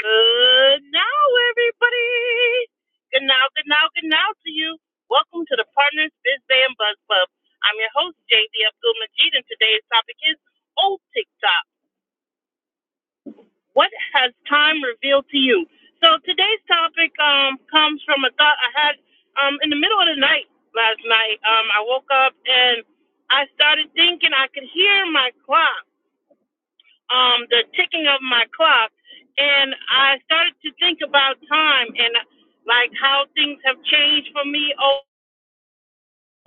Good now, everybody. Good now, good now, good now to you. Welcome to the Partners Biz Bay and Buzz Club. I'm your host, JB Abdul Majid, and today's topic is old TikTok. What has time revealed to you? So today's topic um, comes from a thought I had um, in the middle of the night last night. Um, I woke up and I started thinking I could hear my clock um, the ticking of my clock, and I started to think about time and like how things have changed for me over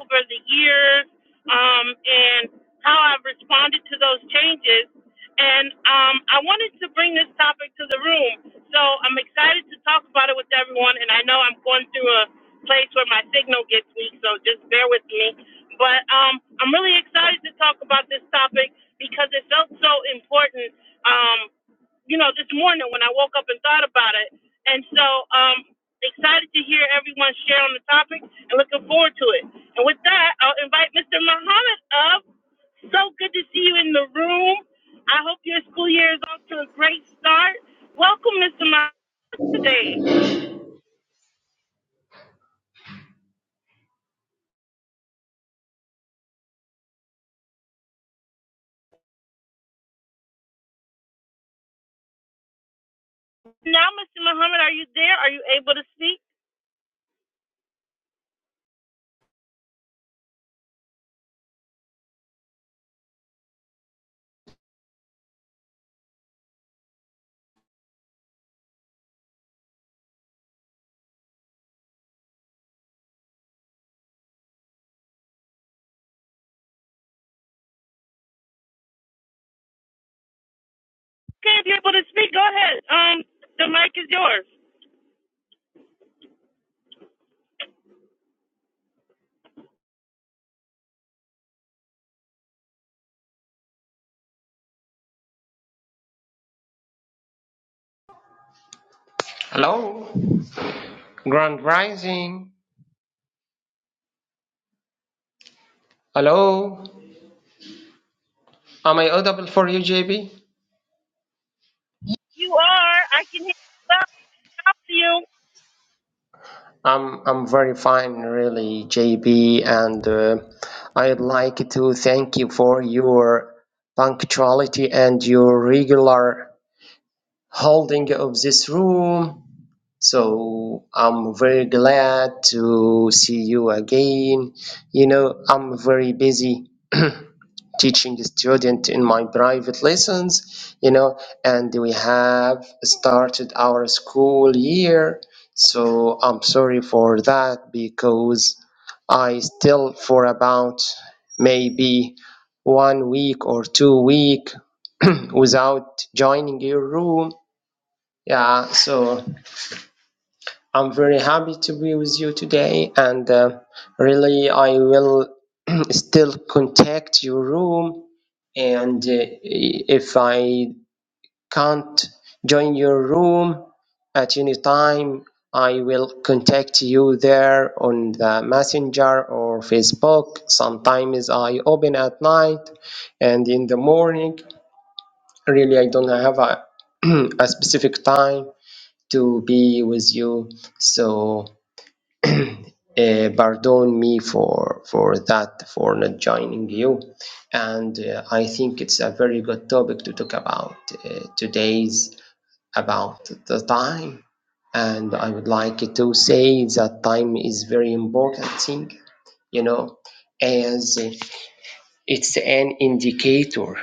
over the years um, and how I've responded to those changes. And um, I wanted to bring this topic to the room. So I'm excited to talk about it with everyone. And I know I'm going through a place where my signal gets weak, so just bear with me. But um, I'm really excited to talk about this topic because it felt so important um, you know, this morning when I woke up and thought about it. And so, um, Excited to hear everyone share on the topic and looking forward to it. And with that, I'll invite Mr. Muhammad up. So good to see you in the room. I hope your school year is off to a great start. Welcome, Mr. Muhammad, today. Now, Mr. Muhammad, are you there? Are you able to speak? Okay, if you're able to speak, go ahead. Um, the mic is yours. Hello, Grand Rising. Hello, am I audible for you, JB? You are. I can hear you. Loud and to you. I'm I'm very fine, really, JB, and uh, I'd like to thank you for your punctuality and your regular holding of this room. So I'm very glad to see you again. You know, I'm very busy. teaching student in my private lessons, you know, and we have started our school year. So I'm sorry for that because I still for about maybe one week or two week without joining your room. Yeah, so I'm very happy to be with you today, and uh, really, I will still contact your room. And uh, if I can't join your room at any time, I will contact you there on the messenger or Facebook. Sometimes I open at night and in the morning. Really, I don't have a, a specific time to be with you. So uh, pardon me for for that for not joining you and uh, i think it's a very good topic to talk about uh, today's about the time and i would like to say that time is very important thing you know as it's an indicator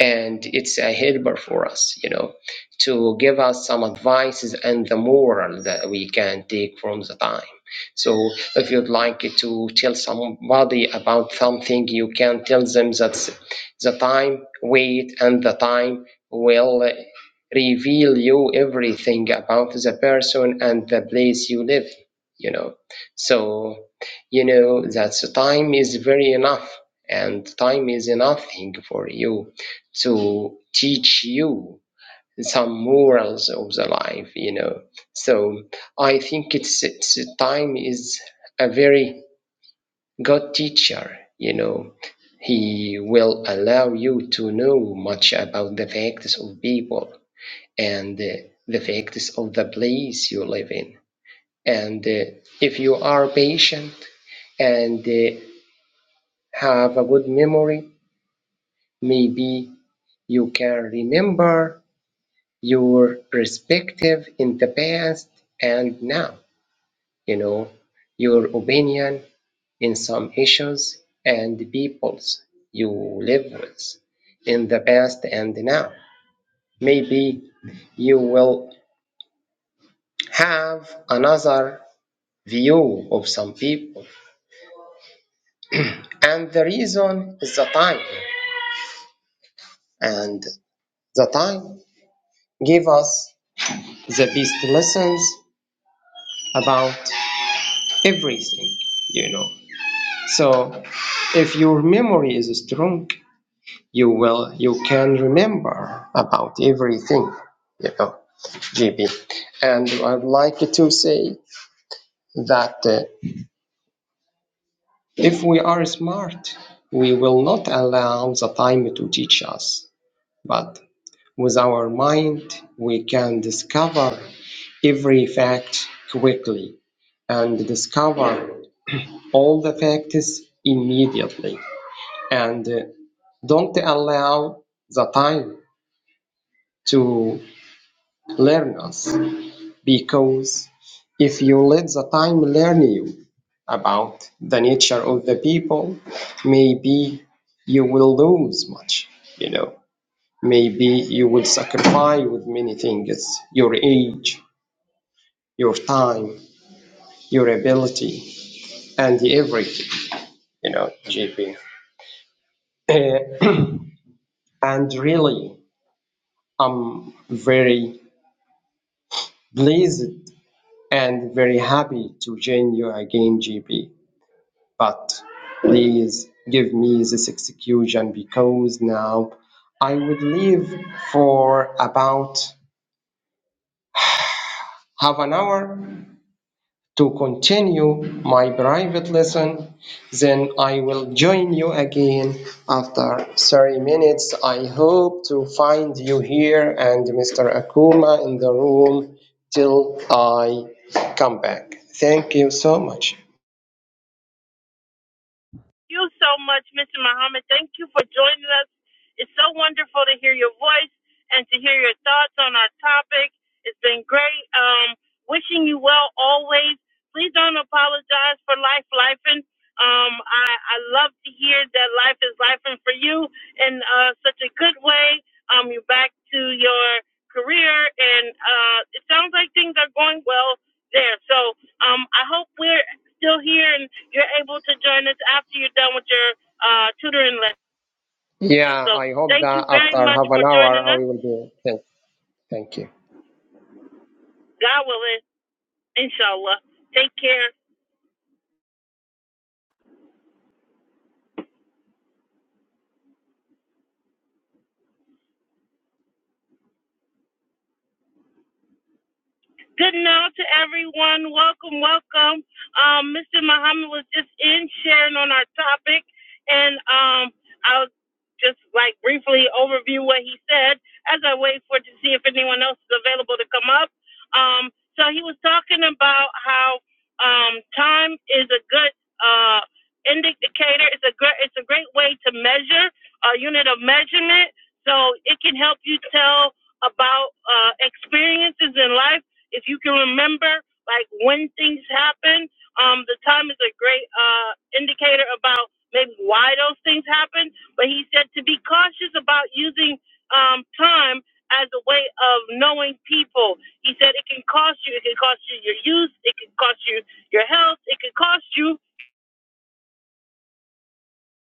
and it's a helper for us you know to give us some advices and the moral that we can take from the time so if you'd like to tell somebody about something you can tell them that the time wait and the time will reveal you everything about the person and the place you live you know so you know that the time is very enough and time is nothing for you to teach you some morals of the life you know so i think it's, it's time is a very good teacher you know he will allow you to know much about the facts of people and uh, the facts of the place you live in and uh, if you are patient and uh, have a good memory Maybe you can remember your perspective in the past and now, you know, your opinion in some issues and peoples you live with in the past and now. Maybe you will have another view of some people. And the reason is the time. And the time give us the best lessons about everything you know so if your memory is strong you will you can remember about everything you know gb and i'd like to say that uh, if we are smart we will not allow the time to teach us but with our mind we can discover every fact quickly and discover all the facts immediately and uh, don't allow the time to learn us because if you let the time learn you about the nature of the people maybe you will lose much you know maybe you will sacrifice with many things your age your time your ability and everything you know jp Uh, and really i'm very pleased and very happy to join you again, GP. But please give me this execution because now I would leave for about half an hour to continue my private lesson. Then I will join you again after 30 minutes. I hope to find you here and Mr. Akuma in the room till I come back. Thank you so much. you so much, Mr. Muhammad. Thank you for joining us. It's so wonderful to hear your voice and to hear your thoughts on our topic. It's been great. Um, wishing you well always. Please don't apologize for life, life. um, I, I love to hear that life is life for you in uh, such a good way. Um, you're back to your career, and uh, it sounds like things are going well there. So um, I hope we're still here and you're able to join us after you're done with your uh, tutoring lesson. Yeah, So I hope thank that you very after much half for an hour joining I us. will be. Thank, thank you. God willing, inshallah. Take care. Good now to everyone. Welcome, welcome. Um, Mr. Muhammad was just in sharing on our topic, and um, I'll just like briefly overview what he said as I wait for to see if anyone else is available to come up. Um, so he was talking about how um, time is a good uh, indicator. It's a great it's a great way to measure a unit of measurement. So it can help you tell about uh, experiences in life if you can remember, like when things happen, um, the time is a great uh, indicator about maybe why those things happen. But he said to be cautious about using um, time as a way of knowing people. He said it can cost you. It can cost you your youth. It can cost you your health. It can cost you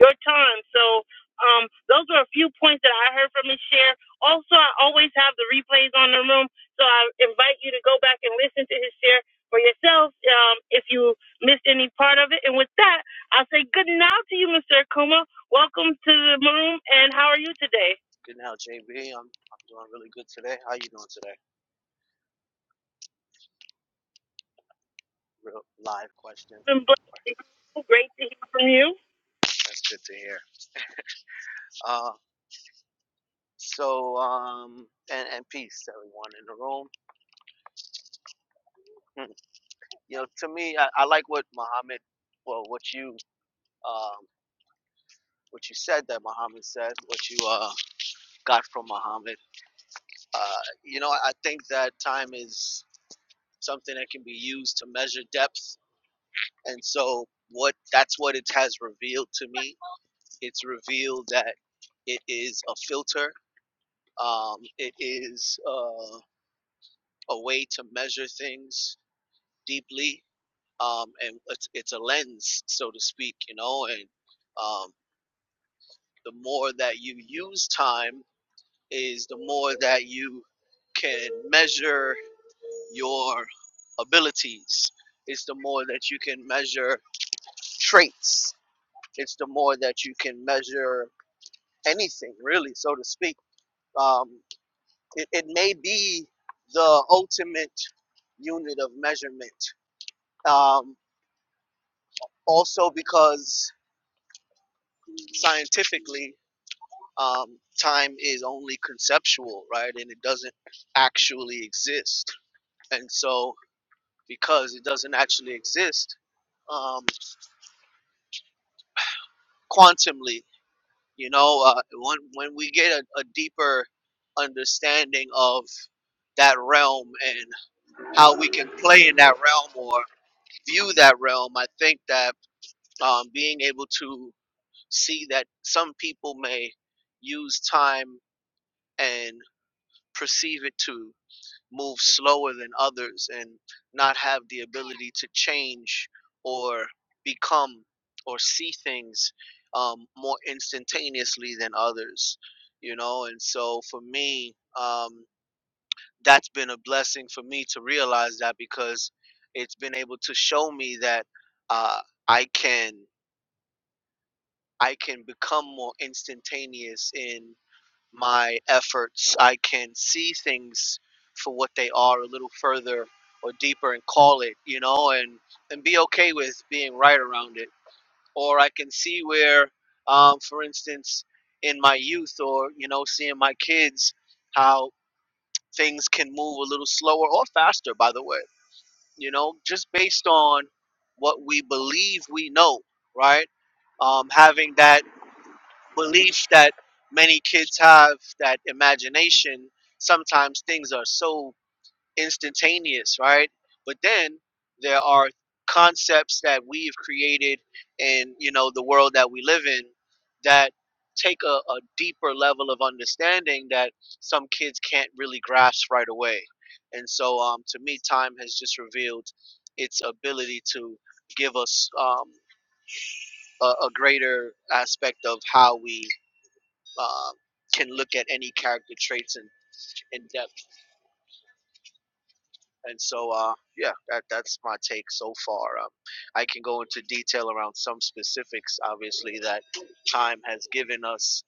your time. So um, those are a few points that I heard from his Share. Also, I always have the replays on the room, so I invite you to go back and listen to his share for yourself um, if you missed any part of it. And with that, I'll say good night to you, Mr. Akuma. Welcome to the room, and how are you today? Good now, JB. I'm I'm doing really good today. How you doing today? Real live question. It's been blessed. Great to hear from you. That's good to hear. Uh, so um, and and peace everyone in the room. Hmm. you know, to me, I, I like what Muhammad, well, what you um, what you said that Muhammad said, what you uh got from Muhammad. Uh, you know, I think that time is something that can be used to measure depth, and so what that's what it has revealed to me It's revealed that it is a filter. Um, it is uh, a way to measure things deeply, um, and it's, it's a lens, so to speak, you know. And um, the more that you use time, is the more that you can measure your abilities. It's the more that you can measure traits. It's the more that you can measure anything, really, so to speak. Um, It, it may be the ultimate unit of measurement. Um, also, because scientifically, um, time is only conceptual, right? And it doesn't actually exist. And so, because it doesn't actually exist, um, quantumly, you know, uh, when, when we get a, a deeper understanding of that realm and how we can play in that realm or view that realm, I think that um, being able to see that some people may use time and perceive it to move slower than others and not have the ability to change or become or see things um, more instantaneously than others you know and so for me um, that's been a blessing for me to realize that because it's been able to show me that uh, i can I can become more instantaneous in my efforts. I can see things for what they are a little further or deeper and call it, you know, and and be okay with being right around it. Or I can see where, um, for instance, in my youth or you know, seeing my kids, how things can move a little slower or faster. By the way, you know, just based on what we believe we know, right? Um, having that belief that many kids have that imagination sometimes things are so instantaneous right but then there are concepts that we've created in you know the world that we live in that take a, a deeper level of understanding that some kids can't really grasp right away and so um, to me time has just revealed its ability to give us um, a, a greater aspect of how we uh, can look at any character traits in, in depth. And so, uh, yeah, that, that's my take so far. Um, I can go into detail around some specifics, obviously, that time has given us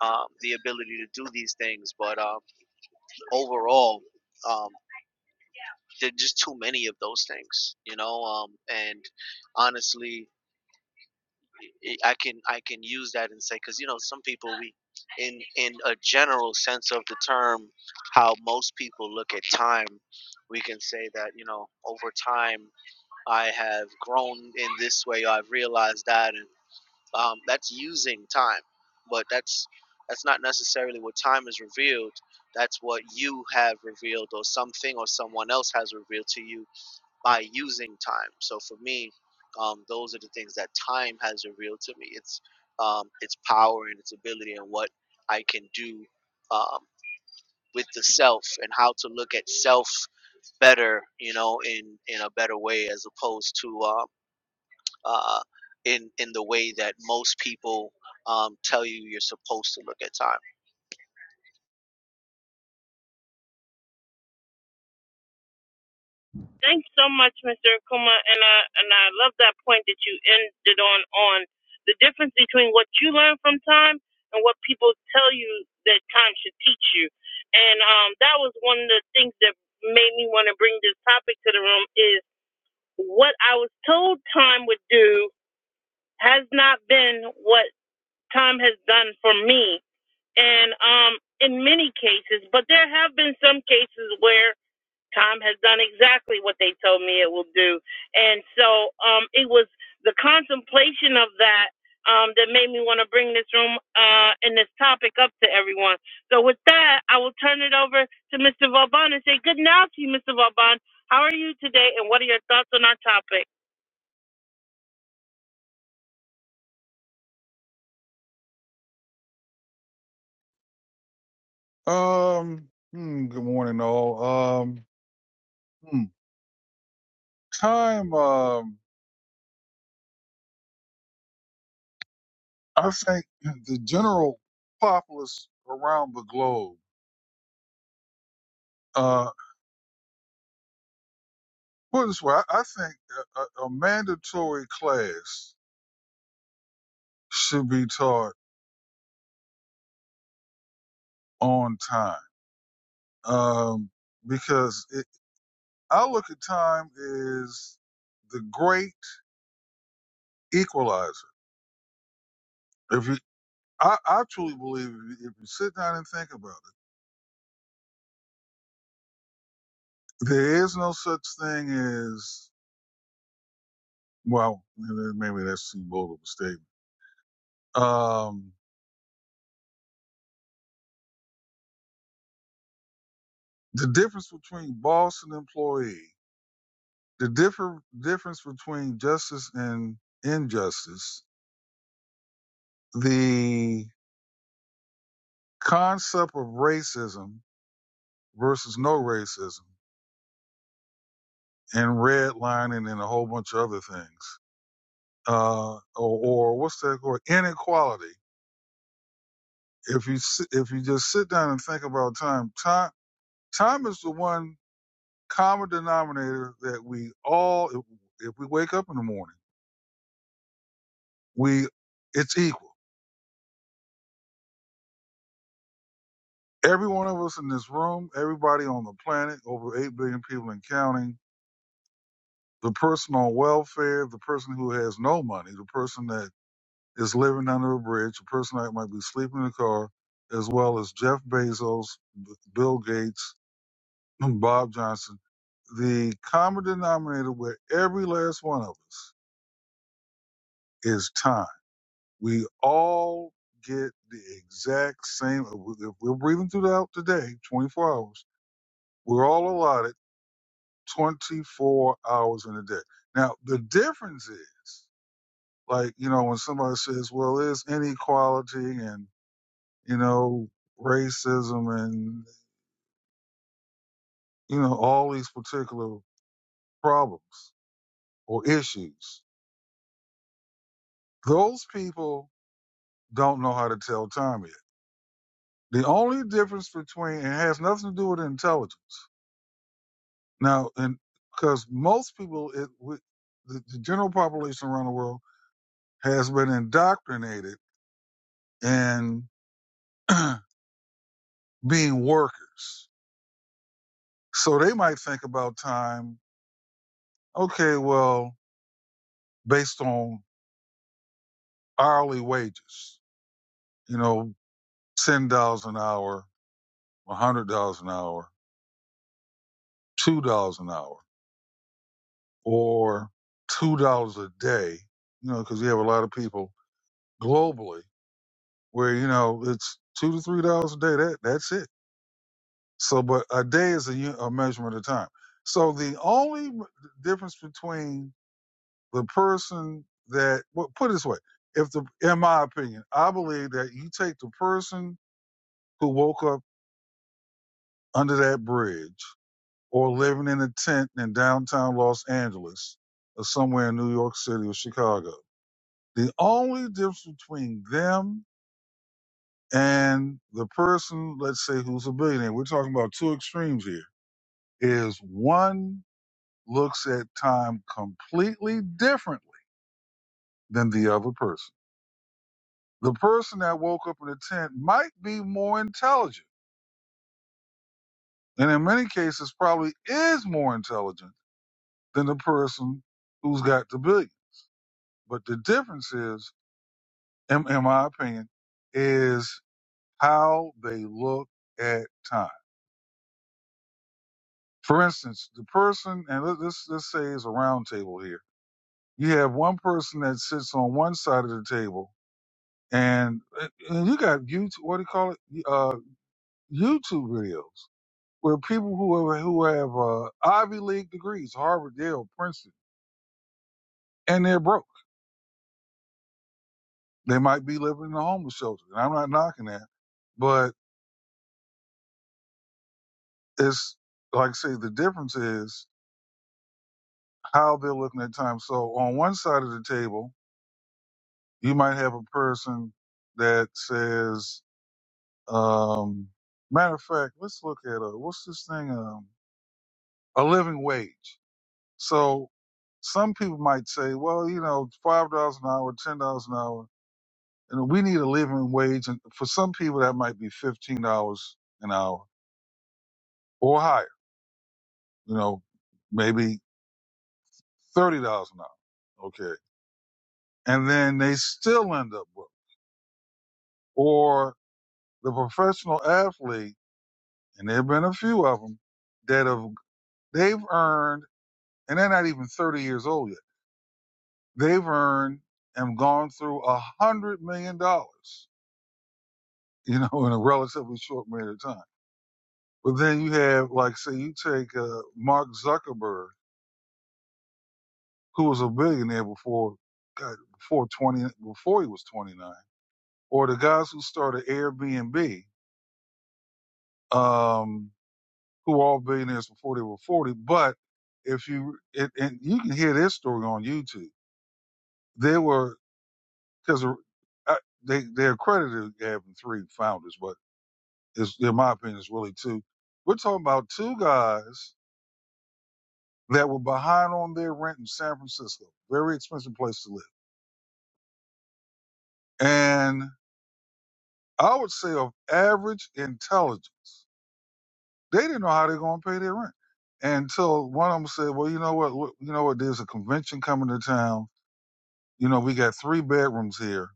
um, the ability to do these things. But um, overall, um, there are just too many of those things, you know? Um, and honestly, I can I can use that and say because you know some people we in in a general sense of the term how most people look at time we can say that you know over time I have grown in this way I've realized that and um, that's using time but that's that's not necessarily what time is revealed that's what you have revealed or something or someone else has revealed to you by using time. So for me, um, those are the things that time has revealed to me. It's um, its power and its ability and what I can do um, with the self and how to look at self better, you know, in in a better way as opposed to uh, uh, in in the way that most people um, tell you you're supposed to look at time. Thanks so much, Mr. Akuma, and I and I love that point that you ended on on the difference between what you learn from time and what people tell you that time should teach you. And um, that was one of the things that made me want to bring this topic to the room is what I was told time would do has not been what time has done for me. And um, in many cases, but there have been some cases where Time has done exactly what they told me it will do. And so um, it was the contemplation of that um, that made me want to bring this room uh, and this topic up to everyone. So with that, I will turn it over to Mr. Vauban and say good night to you, Mr. Vauban. How are you today, and what are your thoughts on our topic? Um. hmm, good morning, all. Um. hmm, time. Um. I think the general populace around the globe. Uh. Put it this way, I, I think a, a a mandatory class should be taught on time. Um. Because it, I look at time as the great equalizer. If you, I, I truly believe if you, if you sit down and think about it, there is no such thing as Well, maybe that's too bold of a statement. Um, the difference between boss and employee, the differ, difference between justice and injustice, the concept of racism versus no racism, and redlining and a whole bunch of other things, uh, or, or what's that called? Inequality. If you si- if you just sit down and think about time, time time is the one. common denominator that we all, if, if we wake up in the morning, we it's equal. Every one of us in this room, everybody on the planet, over eight billion people and counting, the person on welfare, the person who has no money, the person that is living under a bridge, the person that might be sleeping in a car, as well as Jeff Bezos, B- Bill Gates, Bob Johnson. The common denominator with every last one of us is time We all get the exact same. If we're breathing throughout the day, 24 hours, we're all allotted 24 hours in a day. Now, the difference is, like, you know, when somebody says, well, there's inequality and, you know, racism and, you know, all these particular problems or issues, those people don't know how to tell time yet. The only difference between, it has nothing to do with intelligence Now, and because most people, it, we, the, the general population around the world has been indoctrinated in being workers. So they might think about time, okay, well, based on hourly wages, you know, $10 an hour, $100 an hour, $2 an hour, or $2 a day, you know, because you have a lot of people globally where, you know, it's two to $3 a day. That, that's it So, but a day is a, u- a measurement of time. So the only m- difference between the person that, well, put it this way, if the, in my opinion, I believe that you take the person who woke up under that bridge or living in a tent in downtown Los Angeles or somewhere in New York City or Chicago. The only difference between them and the person, let's say, who's a billionaire, we're talking about two extremes here, is one looks at time completely differently than the other person. The person that woke up in a tent might be more intelligent, and in many cases, probably is more intelligent than the person who's got the billion. But the difference is, in, in my opinion, is how they look at time. For instance, the person, and let- us let's say it's a round table here, you have one person that sits on one side of the table and, uh, and you got YouTube. What do you call it? Uh, YouTube videos where people who have, who have uh, Ivy League degrees, Harvard, Yale, Princeton, and they're broke. They might be living in a homeless shelter, and I'm not knocking that, but it's like I say the difference is how they're looking at time. So on one side of the table, you might have a person that says, um, matter of fact, let's look at uh, what's this thing? Um, a living wage So some people might say, well, you know, five dollars an hour, ten dollars an hour, and we need a living wage. And for some people, that might be fifteen dollars an hour or higher. You know, maybe thirty dollars an hour. Okay, and then they still end up broke. Or the professional athlete, and there've been a few of them that have they've earned, and they're not even thirty years old yet. They've earned and gone through a hundred million dollars you know, in a relatively short period of time. But then you have, like, say, you take uh, Mark Zuckerberg, who was a billionaire before, God, before twenty, before he was twenty nine, or the guys who started Airbnb, um, who were all billionaires before they were forty. But if you and, and you can hear their story on YouTube, they were because they they're credited as having three founders, but it's, in my opinion, it's really two. We're talking about two guys that were behind on their rent in San Francisco. Very expensive place to live. And I would say of average intelligence, they didn't know how they were going to pay their rent until one of them said, well, you know what? look, You know what? There's a convention coming to town. You know, we got three bedrooms here.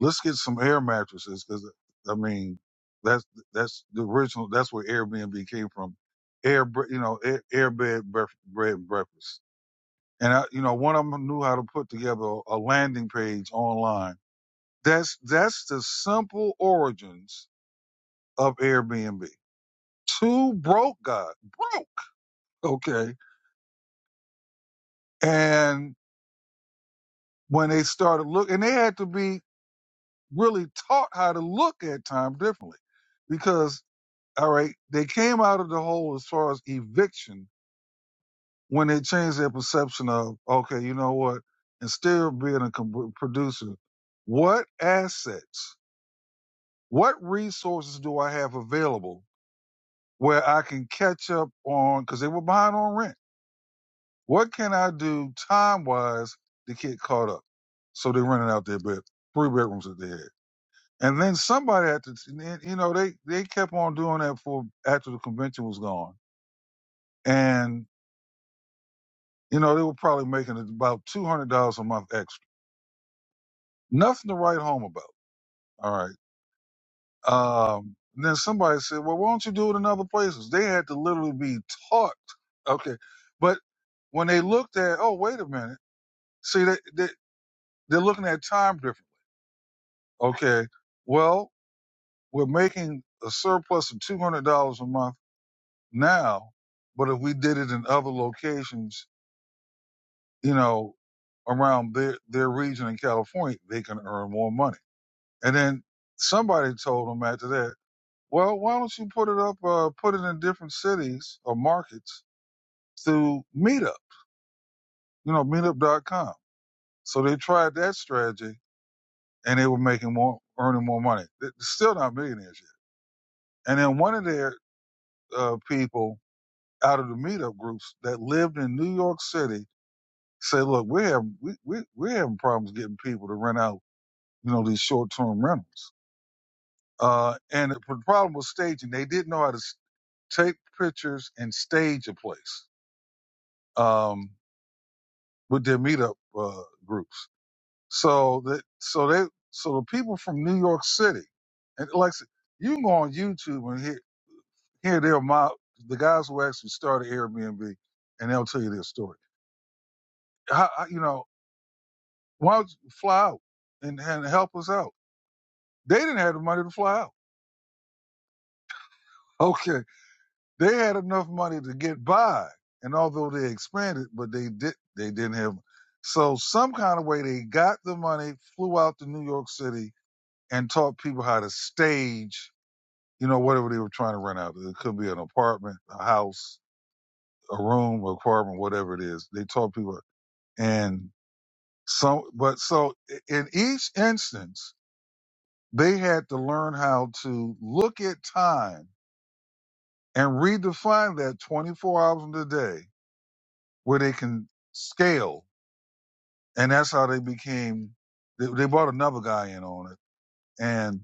Let's get some air mattresses because, I mean, that's that's the original. That's where Airbnb came from. Air, bre- you know, air, air bed, bref- bread and breakfast. And I, you know, one of them knew how to put together a landing page online That's that's the simple origins of Airbnb. Two broke guys, broke, okay. And when they started look, and they had to be really taught how to look at time differently, because all right, they came out of the hole as far as eviction when they changed their perception of okay, you know what? Instead of being a com- producer, what assets, what resources do I have available? where I can catch up on because they were behind on rent. What can I do time wise to get caught up? So they rented out their bed, three bedrooms that they had, and then somebody had to, and then, you know, they they kept on doing that for after the convention was gone, and you know they were probably making about two hundred dollars a month extra. Nothing to write home about. All right. Um, and then somebody said, well, why don't you do it in other places? They had to literally be taught. Okay, but when they looked at, oh, wait a minute See, they, they, they're looking at time different. Okay, well, we're making a surplus of $200 a month now, but if we did it in other locations, you know, around their, their region in California, they can earn more money. And then somebody told them after that, well, why don't you put it up, uh, put it in different cities or markets through Meetup, you know, Meetup dot com. So they tried that strategy and they were making more, earning more money. They're still not millionaires And then one of their uh, people out of the meetup groups that lived in New York City said, "Look, we're having we, we we're having problems getting people to rent out, you know, these short term rentals." Uh, and the problem was staging. They didn't know how to s- take pictures and stage a place um, with their meetup uh, groups. So that so they so the people from New York City and like I said, you can go on YouTube and hear here they'll my the guys who actually started Airbnb and they'll tell you their story. How, you know, why don't you fly out and, and help us out? They didn't have the money to fly out. Okay. They had enough money to get by. And although they expanded, but they did they didn't have so some kind of way they got the money, flew out to New York City and taught people how to stage, you know, whatever they were trying to rent out. It could be an apartment, a house, a room, an apartment, whatever it is. They taught people and So, but so in each instance, they had to learn how to look at time and redefine that 24 hours in a day where they can scale. And that's how they became, they, they brought another guy in on it and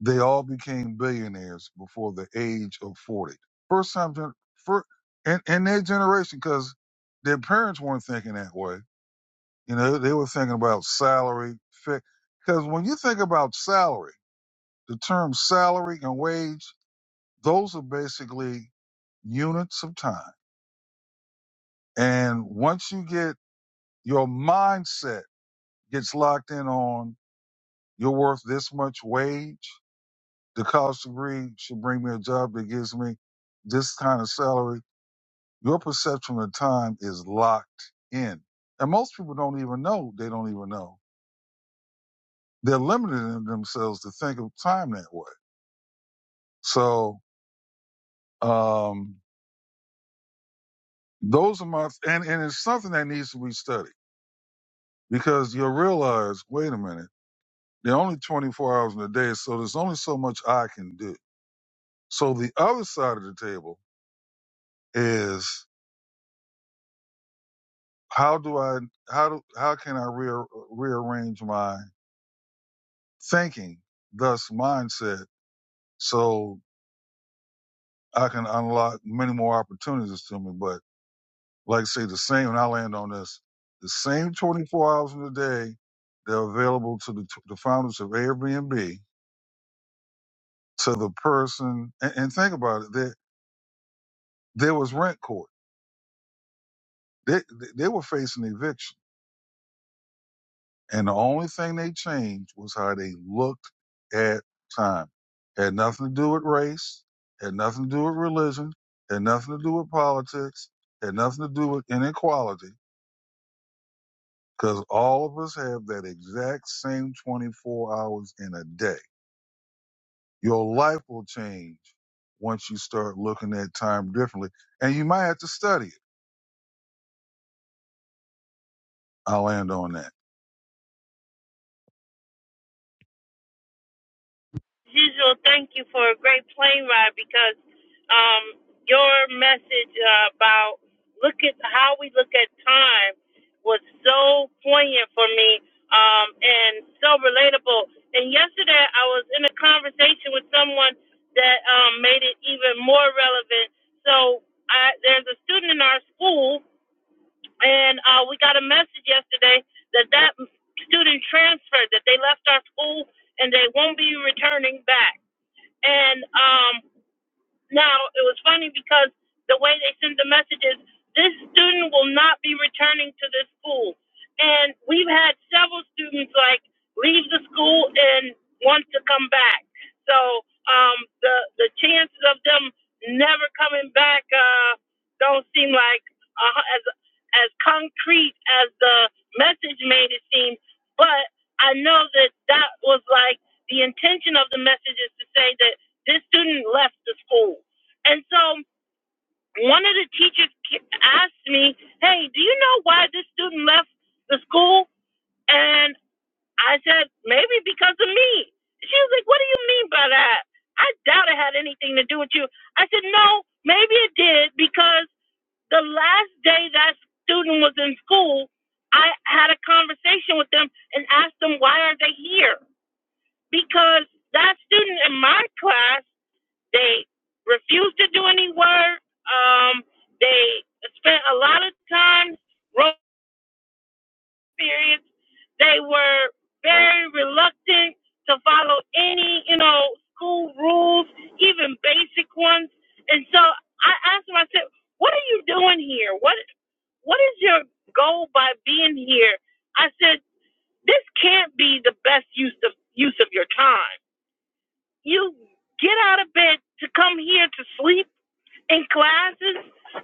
they all became billionaires before the age of 40. First time gen- for, in, in their generation, because their parents weren't thinking that way. You know, they were thinking about salary, because when you think about salary, The term salary and wage, those are basically units of time. And once you get your mindset gets locked in on you're worth this much wage, the college degree should bring me a job that gives me this kind of salary. Your perception of time is locked in. And most people don't even know they don't even know. They're limiting themselves to think of time that way. So um, those are my and, and it's something that needs to be studied because you'll realize, wait a minute, there are only 24 hours in a day, so there's only so much I can do. So the other side of the table is how do I how do how can I re- rearrange my thinking, thus mindset, so I can unlock many more opportunities to me. But like I say, the same, and I land on this: the same 24 hours in a day they're available to the, the founders of Airbnb to the person and, and think about it. There was rent court. They, they were facing eviction. And the only thing they changed was how they looked at time. Had nothing to do with race, had nothing to do with religion, had nothing to do with politics, had nothing to do with inequality, because all of us have that exact same 24 hours in a day. Your life will change once you start looking at time differently, and you might have to study it. I'll end on that. Usual, thank you for a great plane ride because um, your message uh, about look at how we look at time was so poignant for me um, and so relatable. And yesterday, I was in a conversation with someone that um, made it even more relevant. So I, there's a student in our school, and uh, we got a message yesterday that that student transferred, that they left our school and they won't be returning back. And um, now it was funny because the way they send the messages, this student will not be returning to this school. And we've had several students like leave the school and want to come back. So um, the the chances of them never coming back uh, don't seem like uh, as as concrete as the message made it seem. But I know that that was like the intention of the message is to say that this student left the school. And so one of the teachers asked me, Hey, do you know why this student left the school? And I said, Maybe because of me. She was like, What do you mean by that? I doubt it had anything to do with you. I said, No, maybe it did because the last day that student was in school, I had a conversation with them and asked them, Why are they here? Because that student in my class they refused to do any work. Um, they spent a lot of time road periods. They were very reluctant to follow any, you know, school rules, even basic ones. And so I asked them, I said, "What are you doing here? What What is your goal by being here?" I said, "This can't be the best use of use of your time. You get out of bed to come here to sleep." in classes,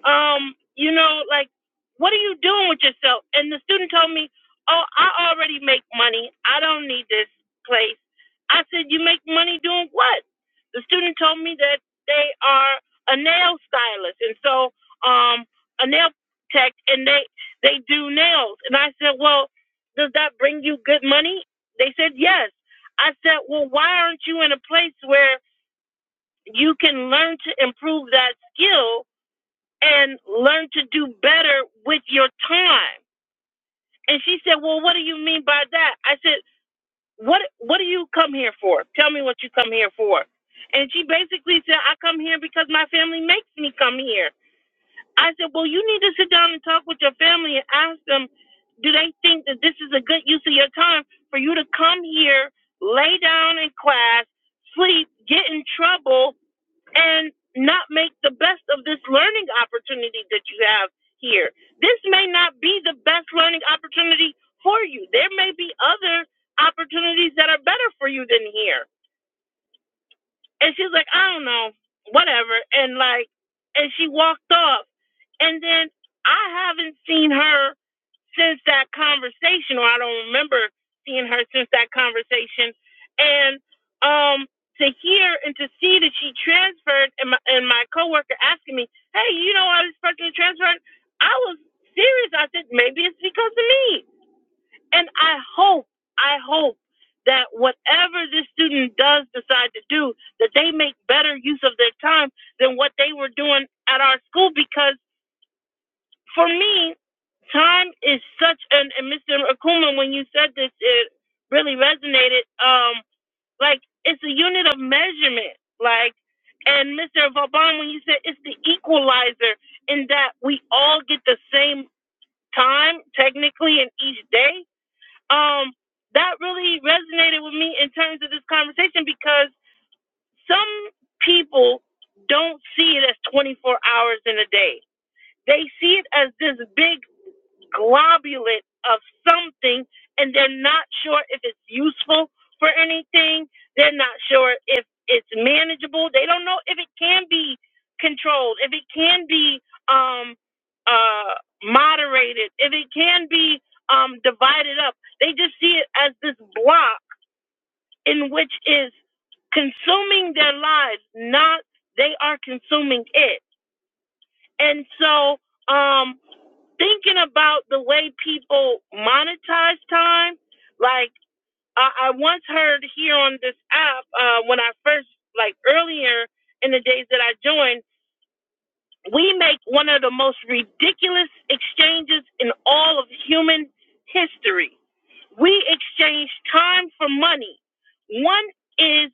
um, you know, like, what are you doing with yourself? And the student told me, Oh, I already make money. I don't need this place. I said, You make money doing what? The student told me that they are a nail stylist and so um a nail tech and they they do nails. And I said, Well, does that bring you good money? They said yes. I said, Well, why aren't you in a place where you can learn to improve that skill and learn to do better with your time. And she said, Well, what do you mean by that? I said, What what do you come here for? Tell me what you come here for. And she basically said, I come here because my family makes me come here. I said, Well, you need to sit down and talk with your family and ask them, do they think that this is a good use of your time for you to come here, lay down in class, sleep, get in trouble, and not make the best of this learning opportunity that you have here. This may not be the best learning opportunity for you. There may be other opportunities that are better for you than here. And she's like, I don't know, whatever. And like, and she walked off. And then I haven't seen her since that conversation, or I don't remember seeing her since that conversation. And um, to hear and to see that she transferred, and my, and my coworker asking me, "Hey, you know why this person transferred?" I was serious. I said, "Maybe it's because of me." And I hope, I hope that whatever this student does decide to do, that they make better use of their time than what they were doing at our school because for me, time is such an and Mr. Akuma, when you said this, it really resonated. Um, like it's a unit of measurement. Like and Mr. Vauban, when you said it's the equalizer in that we all get the same time technically in each day. Um, that really resonated with me in terms of this conversation because some people don't see it as 24 hours in a day. They see it as this big globulate of something and they're not sure if it's useful for anything. They're not sure if it's manageable. They don't know if it can be controlled, if it can be um, uh, moderated, if it can be um, divided up. They just see it as this block in which is consuming their lives, not they are consuming it. And so, um, thinking about the way people monetize time, like I, I once heard here on this app uh, when I first, like earlier in the days that I joined, we make one of the most ridiculous exchanges in all of human history. We exchange time for money. One is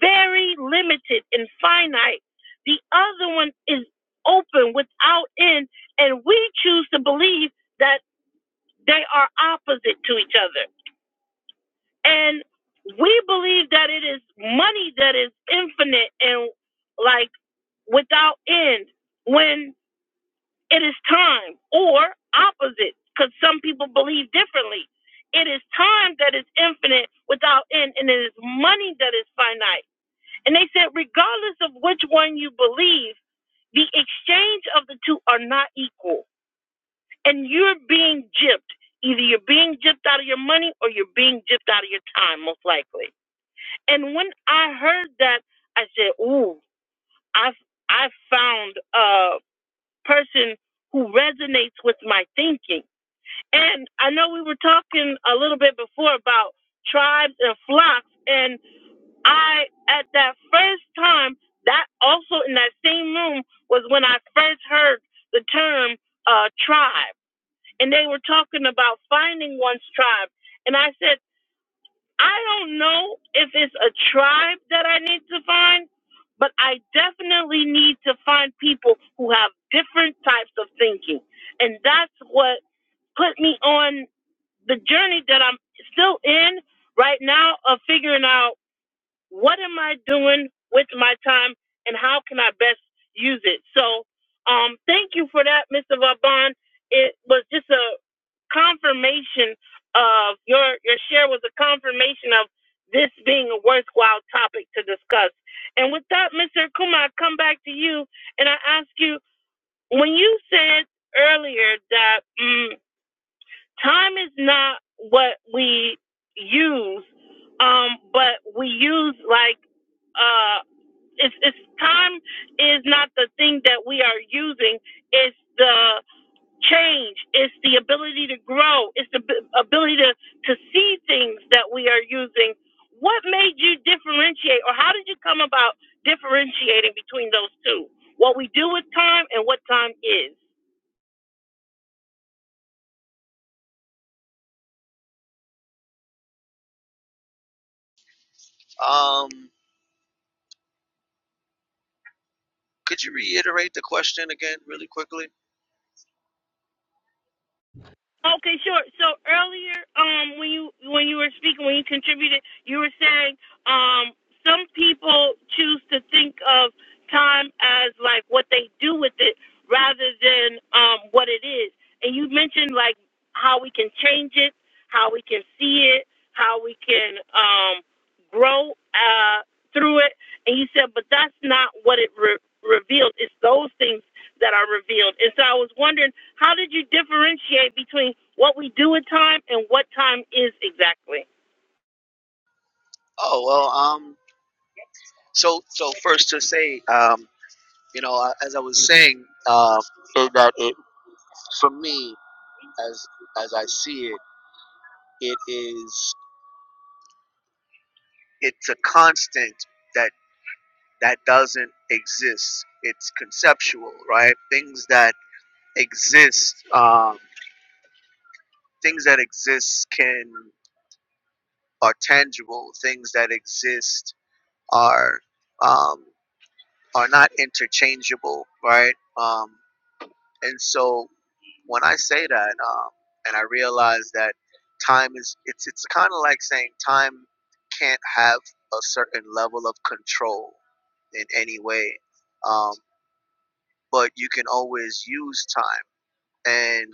very limited and finite. The other one is open without end, and we choose to believe that they are opposite to each other. And we believe that it is money that is infinite and like without end when it is time or opposite because some people believe differently. It is time that is infinite without end and it is money that is finite. And they said, regardless of which one you believe, the exchange of the two are not equal and you're being gypped. Either you're being gypped out of your money or you're being gypped out of your time, most likely. And when I heard that, I said, "Ooh, I I found a person who resonates with my thinking." And I know we were talking a little bit before about tribes and flocks, and I at that first time, that also in that same room was when I first heard the term uh, tribe and they were talking about finding one's tribe. And I said, I don't know if it's a tribe that I need to find, but I definitely need to find people who have different types of thinking. And that's what put me on the journey that I'm still in right now of figuring out what am I doing with my time and how can I best use it? So, um, thank you for that, Mr. Vaban. It was just a confirmation of your your share was a confirmation of this being a worthwhile topic to discuss. And with that, Mr. Kuma, I come back to you and I ask you when you said earlier that mm, time is not what we use um but we use like uh it's, it's time is not the thing that we are using it's the change it's the ability to grow it's the b- ability to to see things that we are using what made you differentiate or how did you come about differentiating between those two what we do with time and what time is Um, could you reiterate the question again, really quickly? Okay, sure. So earlier, um, when you when you were speaking, when you contributed, you were saying um, some people choose to think of time as like what they do with it rather than um, what it is. And you mentioned like how we can change it, how we can see it, how we can um, grow uh, through it. And you said, but that's not what it re- revealed. It's those things that are revealed. And so I was wondering, how did you differentiate between what we do with time and what time is exactly? Oh well, um, so so first to say, um, You know, I- as I was saying, uh, is that it for me, as as I see it, it is it's a constant that that doesn't exist. It's conceptual, right? Things that exist, um, things that exist can are tangible. Things that exist are um, are not interchangeable, right? Um, And so when I say that, um, and I realize that time is, it's, it's kind of like saying time can't have a certain level of control in any way, um, but you can always use time. And,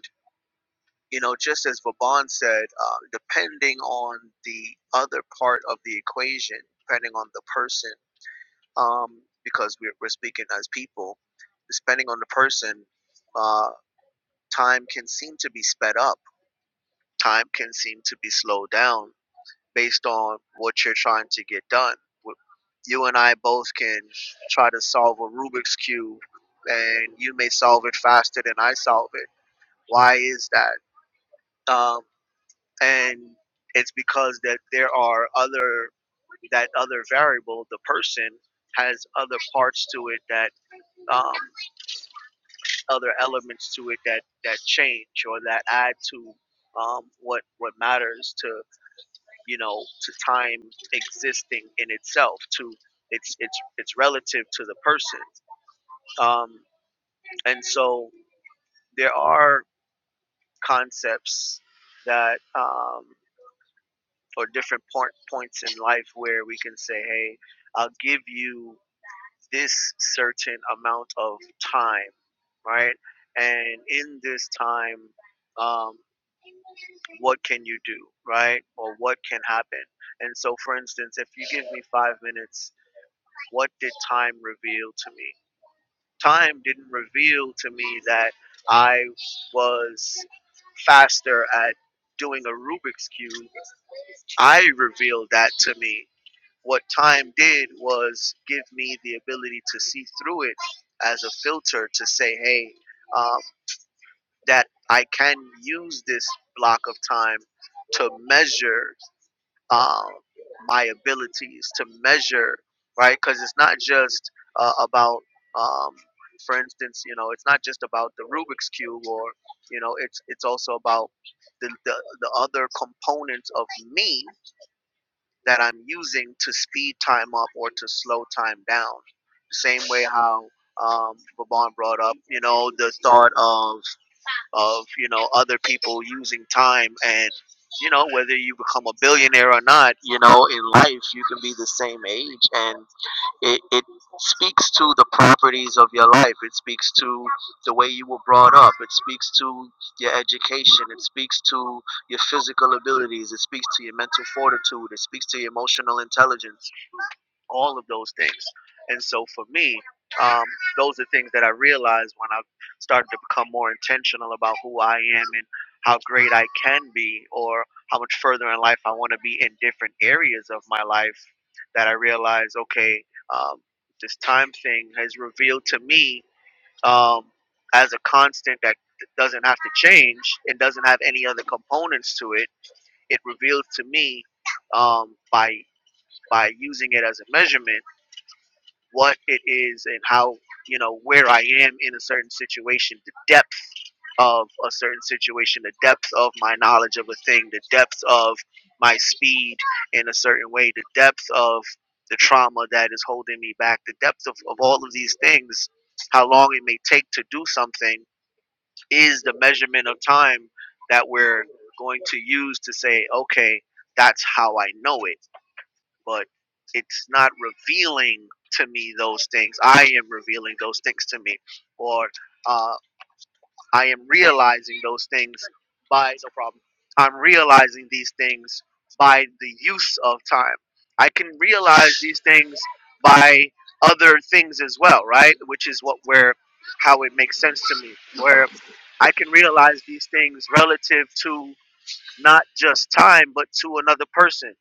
you know, just as Vaban said, uh, depending on the other part of the equation, depending on the person, um, because we're, we're speaking as people, depending on the person, uh, time can seem to be sped up time can seem to be slowed down based on what you're trying to get done. W- You and I both can try to solve a Rubik's Cube, and you may solve it faster than I solve it. Why is that? Um, and it's because that there are other that other variable, the person has other parts to it that um, other elements to it that that change or that add to um, what what matters to. you know, to time existing in itself, to its its its relative to the person. Um, and so there are concepts that um, or different point, points in life where we can say, hey, I'll give you this certain amount of time, right? And in this time, um, what can you do, right? Or what can happen? And so, for instance, if you give me five minutes what did time reveal to me? Time didn't reveal to me that I was faster at doing a Rubik's Cube. I revealed that to me. What time did was give me the ability to see through it as a filter to say, hey, um, that I can use this block of time to measure um, my abilities to measure, right? Because it's not just uh, about, um, for instance, you know, it's not just about the Rubik's cube, or you know, it's it's also about the the, the other components of me that I'm using to speed time up or to slow time down. Same way how um, Vaughn brought up, you know, the thought of of you know other people using time and you know whether you become a billionaire or not you know in life you can be the same age and it, it speaks to the properties of your life it speaks to the way you were brought up it speaks to your education it speaks to your physical abilities it speaks to your mental fortitude it speaks to your emotional intelligence all of those things. And so for me, um, those are things that I realized when I started to become more intentional about who I am and how great I can be, or how much further in life I want to be in different areas of my life. That I realized, okay, um, this time thing has revealed to me um, as a constant that doesn't have to change and doesn't have any other components to it. It reveals to me um, by by using it as a measurement what it is and how you know where I am in a certain situation, the depth of a certain situation, the depth of my knowledge of a thing, the depth of my speed in a certain way, the depth of the trauma that is holding me back, the depth of, of all of these things, how long it may take to do something is the measurement of time that we're going to use to say, okay, that's how I know it but it's not revealing to me those things. I am revealing those things to me, or uh, I am realizing those things by no problem. I'm realizing these things by the use of time. I can realize these things by other things as well, right? Which is what where how it makes sense to me, where I can realize these things relative to not just time, but to another person,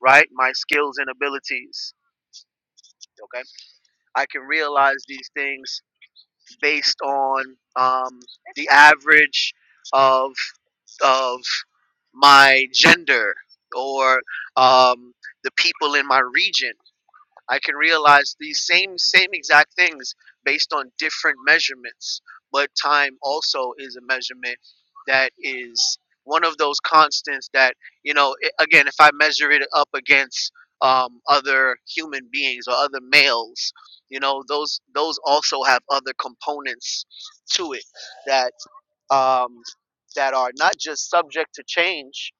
right? My skills and abilities okay i can realize these things based on um, the average of of my gender or um, the people in my region I can realize these same same exact things based on different measurements. But time also is a measurement that is one of those constants that you know. i again, if I measure it up against um, other human beings or other males, you know, those those also have other components to it that um, that are not just subject to change,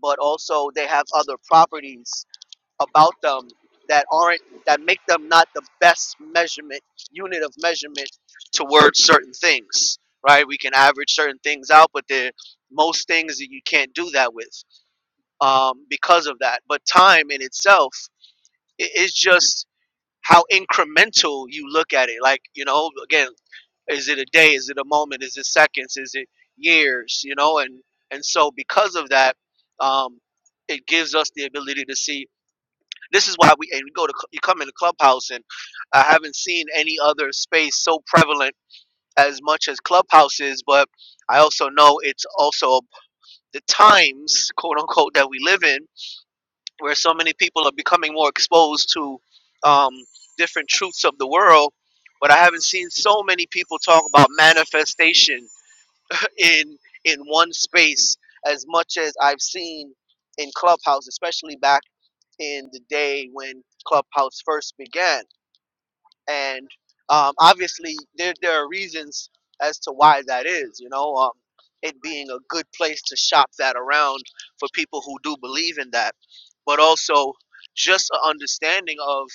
but also they have other properties about them that aren't that make them not the best measurement unit of measurement towards certain things right we can average certain things out but there most things that you can't do that with um, because of that but time in itself i- is just how incremental you look at it like you know again is it a day is it a moment is it seconds is it years you know and and so because of that um, it gives us the ability to see this is why we and you go to cl- you come into Clubhouse, and I haven't seen any other space so prevalent as much as Clubhouse is. But I also know it's also the times, quote unquote, that we live in, where so many people are becoming more exposed to um, different truths of the world. But I haven't seen so many people talk about manifestation in in one space as much as I've seen in Clubhouse, especially back in the day when Clubhouse first began. and um, obviously there there are reasons as to why that is. You know, um, it being a good place to shop that around for people who do believe in that, but also just an understanding of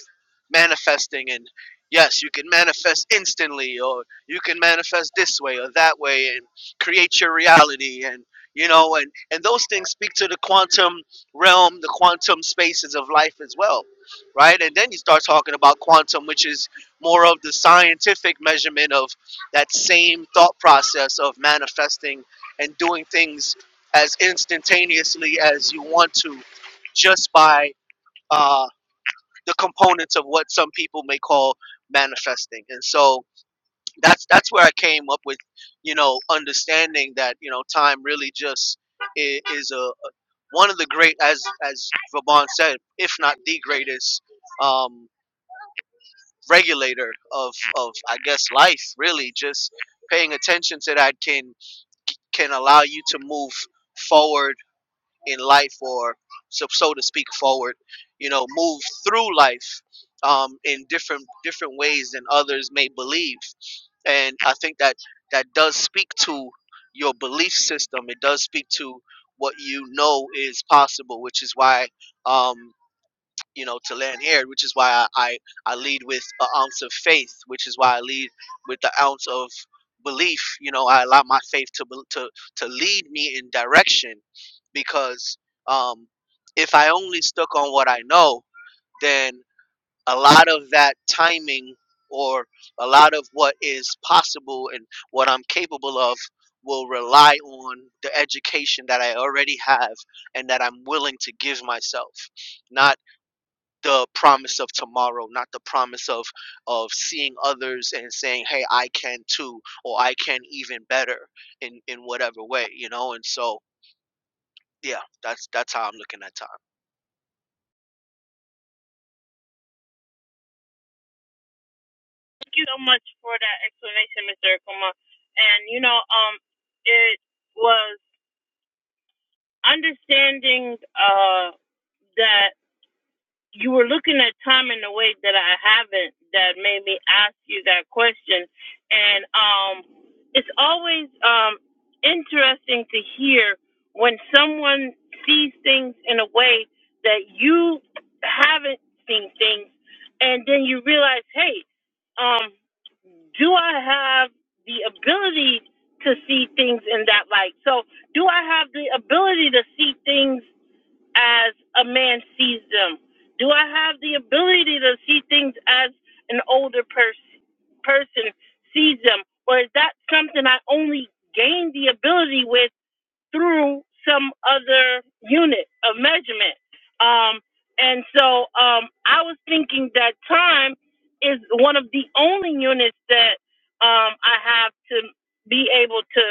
manifesting and yes, you can manifest instantly, or you can manifest this way or that way, and create your reality and you know and and those things speak to the quantum realm the quantum spaces of life as well right and then you start talking about quantum which is more of the scientific measurement of that same thought process of manifesting and doing things as instantaneously as you want to just by uh, the components of what some people may call manifesting and so that's that's where i came up with you know understanding that you know time really just is, is a one of the great as as Vaban said if not the greatest um, regulator of of I guess life really just paying attention to that can can allow you to move forward in life or so, so to speak forward you know move through life um, in different different ways than others may believe and I think that that does speak to your belief system it does speak to what you know is possible which is why um, you know, to land air, which is why I, I, I lead with an ounce of faith, which is why I lead with the ounce of belief. You know, I allow my faith to, bel- to, to lead me in direction because um, if I only stuck on what I know, then a lot of that timing or a lot of what is possible and what I'm capable of will rely on the education that I already have and that I'm willing to give myself, not the promise of tomorrow, not the promise of of seeing others and saying, "Hey, I can too," or "I can even better," in in whatever way, you know. And so, yeah, that's that's how I'm looking at time. Thank you so much for that explanation, Mr. Akuma. And you know, um, it was understanding uh, that. you were looking at time in a way that I haven't that made me ask you that question. And um it's always um interesting to hear when someone sees things in a way that you haven't seen things and then you realize, hey, um, do I have the ability to see things in that light? So do I have the ability to see things as a man sees them? Do I have the ability to see things as an older person person sees them, or is that something I only gain the ability with? through some other unit of measurement. Um, and so um, I was thinking that time is one of the only units that um, I have to be able to,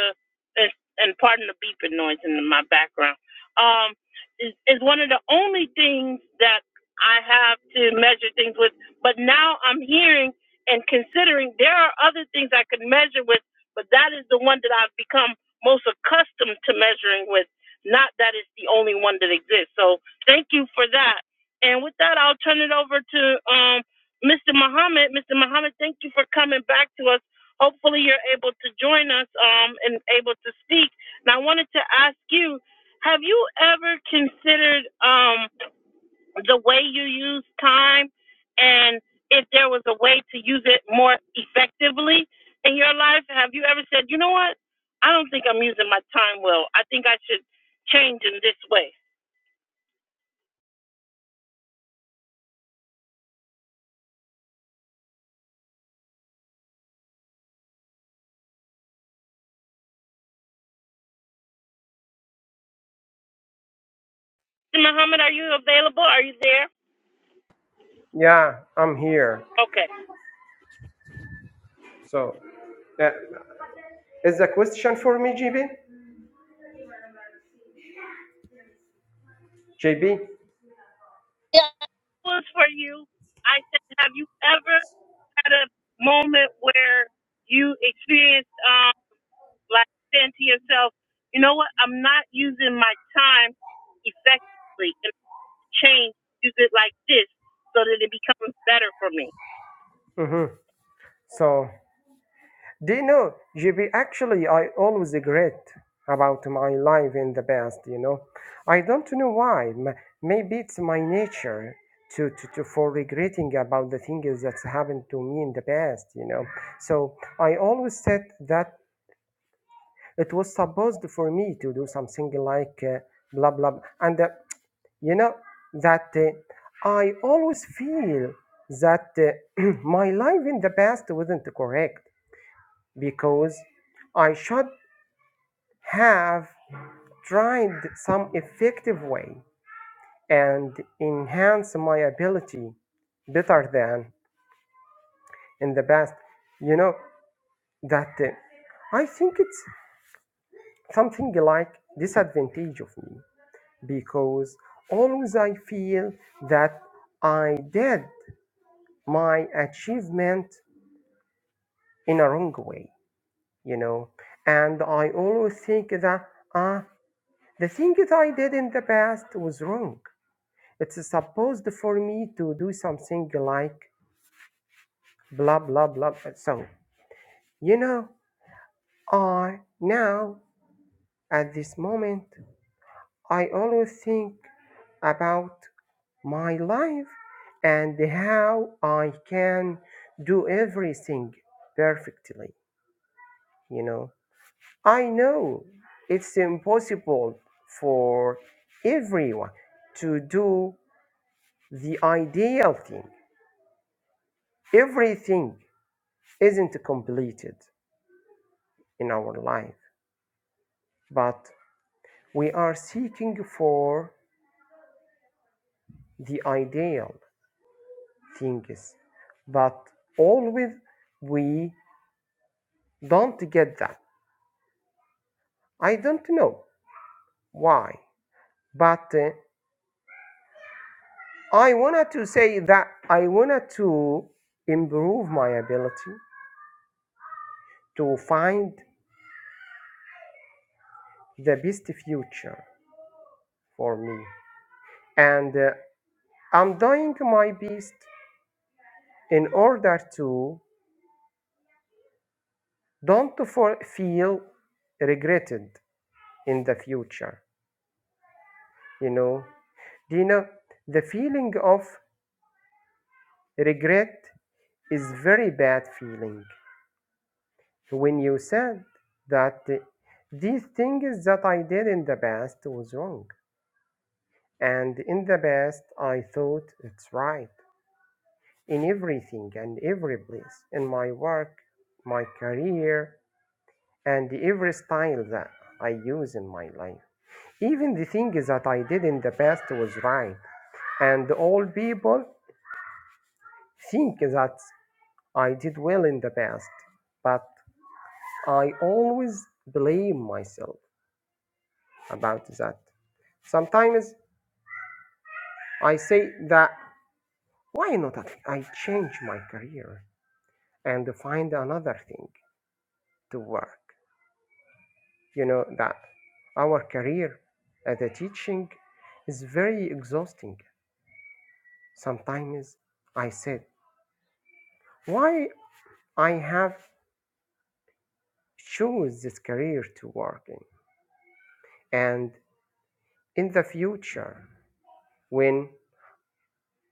and and pardon the beeping noise in my background, um, is, is one of the only things that I have to measure things with. But now I'm hearing and considering there are other things I could measure with, but that is the one that I've become most accustomed to measuring with, not that it's the only one that exists. So thank you for that. And with that, I'll turn it over to um, Mr. Muhammad. Mr. Muhammad, thank you for coming back to us. Hopefully, you're able to join us um, and able to speak. And I wanted to ask you have you ever considered? Um, the way you use time and if there was a way to use it more effectively in your life have you ever said you know what i don't think i'm using my time well i think i should change in this way muhammad are you available are you there Yeah, I'm here. okay So, uh, is the question for me, JB? JB. yeah It was for you i said have you ever had a moment where you experienced um like saying to yourself you know what i'm not using my time effectively change, use it like this so that it becomes better for me. Mm-hmm. So, do you know, JB? Actually, I always regret about my life in the past. You know, I don't know why. M- Maybe it's my nature to, to, to for regretting about the things that's happened to me in the past. You know, so I always said that It was supposed for me to do something like uh, blah blah, blah. and uh, you know that uh, I always feel that uh, my life in the past wasn't correct because I should have tried some effective way and enhance my ability better than in the past. You know that uh, I think it's something like disadvantage of me because always I feel that I did my achievement in a wrong way, you know. And I always think that ah, the thing that I did in the past was wrong. It's supposed for me to do something like blah blah blah. So you know, I now at this moment I always think about my life and how I can do everything perfectly. You know, I know it's impossible for everyone to do the ideal thing. Everything isn't completed in our life, but we are seeking for the ideal things. But always we don't get that. I don't know why. But uh, I wanted to say that I wanted to improve my ability to find the best future for me. And uh, I'm doing my best in order to don't for, feel regretted in the future. You know, do you know the feeling of regret is very bad feeling when you said that these things that I did in the past was wrong, and in the past I thought it's right in everything and every place in my work, my career, and every style that I use in my life. Even the things that I did in the past was right, and all people think that I did well in the past, but I always blame myself about that. Sometimes I say that why not I change my career and find another thing to work? You know that our career as a teaching is very exhausting. Sometimes I said why I have choose this career to work in and in the future when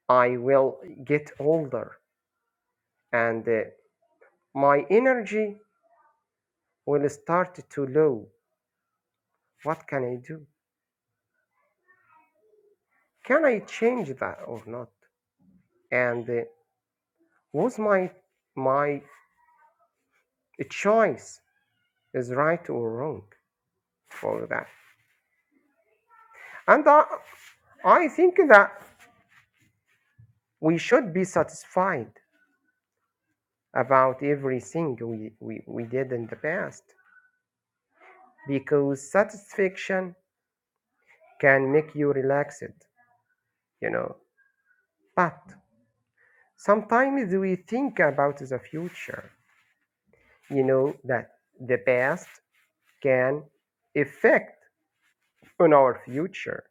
I will get older and uh, my energy will start to low what can I do? can I change that or not? And uh, was my my choice is right or wrong for that? And I, I think that we should be satisfied about everything we, we, we did in the past because satisfaction can make you relaxed, you know. But sometimes we think about the future, you know, that the past can affect on our future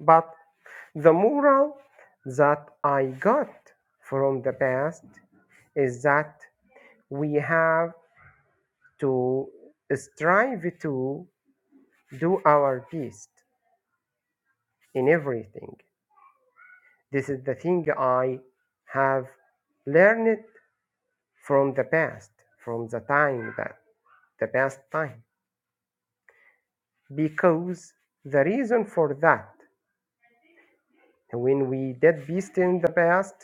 But the moral that I got from the past is that we have to strive to do our best in everything. This is the thing I have learned from the past, from the time that the past time. Because the reason for that, when we did best in the past,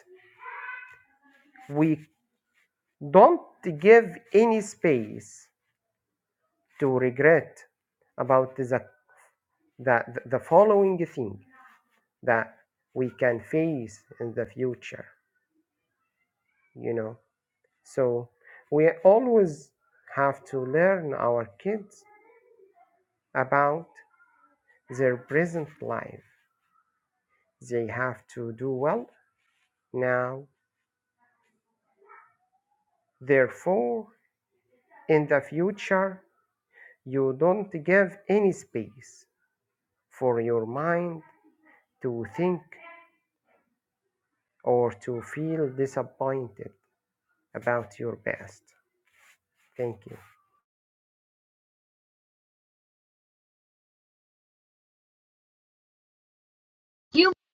we don't give any space to regret about the, the, the following thing that we can face in the future, you know. So we always have to learn our kids about their present life. They have to do well now. Therefore, in the future, you don't give any space for your mind to think or to feel disappointed about your past. Thank you.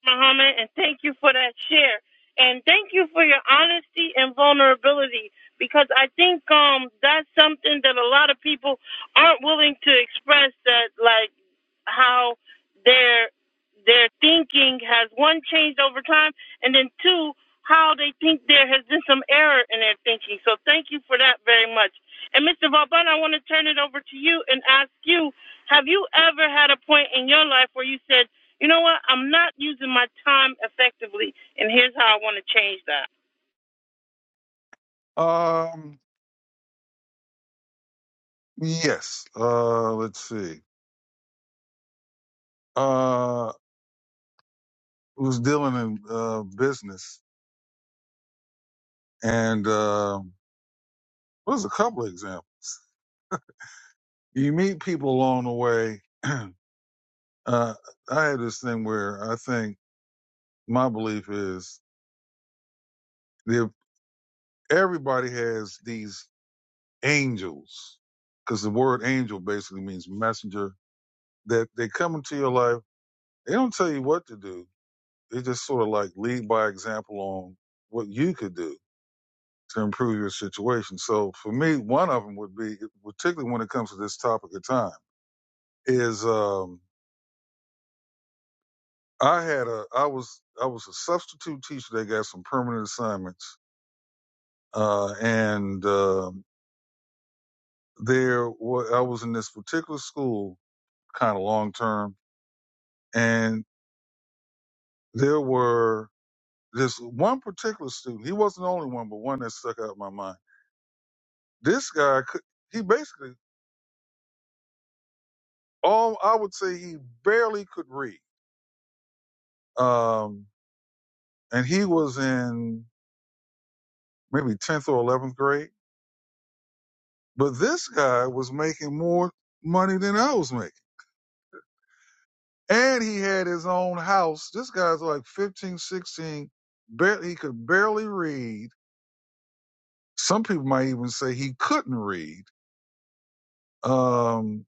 Muhammad, and thank you for that share. And thank you for your honesty and vulnerability because I think um that's something that a lot of people aren't willing to express that like how their their thinking has one changed over time and then two how they think there has been some error in their thinking. So thank you for that very much. And Mr. Vauban, I want to turn it over to you and ask you, have you ever had a point in your life where you said you know what? I'm not using my time effectively, and here's how I want to change that. Um, Yes. Uh, let's see. Uh, was dealing in uh, business, and uh, there's a couple of examples. You meet people along the way. uh, I had this thing where I think my belief is that everybody has these angels, because the word angel basically means messenger. That they come into your life. They don't tell you what to do. They just sort of like lead by example on what you could do to improve your situation. So for me, one of them would be, particularly when it comes to this topic of time, is um, I had a I was I was a substitute teacher. They got some permanent assignments, uh, and um there wa- I was in this particular school kind of long term, and there were this one particular student. He wasn't the only one, but one that stuck out in my mind. This guy could he basically all I would say he barely could read. Um, and he was in maybe 10th or 11th grade. But this guy was making more money than I was making. And he had his own house. This guy's like 15, 16. Bar- he could barely read. Some people might even say he couldn't read. Um,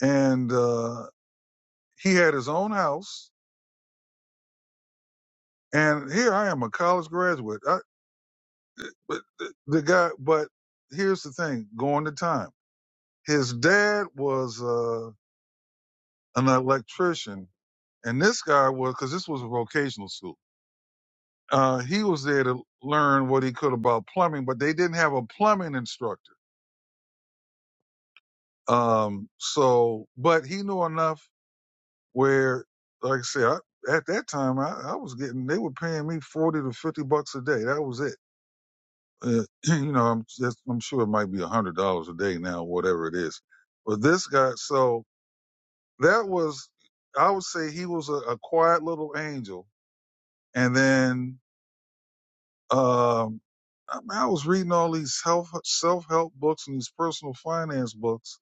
and uh, he had his own house. And here I am, a college graduate. I, but the, the guy, but here's the thing going to time. His dad was uh, an electrician And this guy was, because this was a vocational school, uh, he was there to learn what he could about plumbing, but they didn't have a plumbing instructor. Um, so, but he knew enough where, like I said, I, at that time, I, I was getting, they were paying me 40 to 50 bucks a day. That was it. Uh, you know, I'm just, I'm sure it might be a hundred dollars a day now, whatever it is. But this guy, so that was, I would say he was a, a quiet little angel. And then Um, I, mean, I was reading all these health self help books and these personal finance books,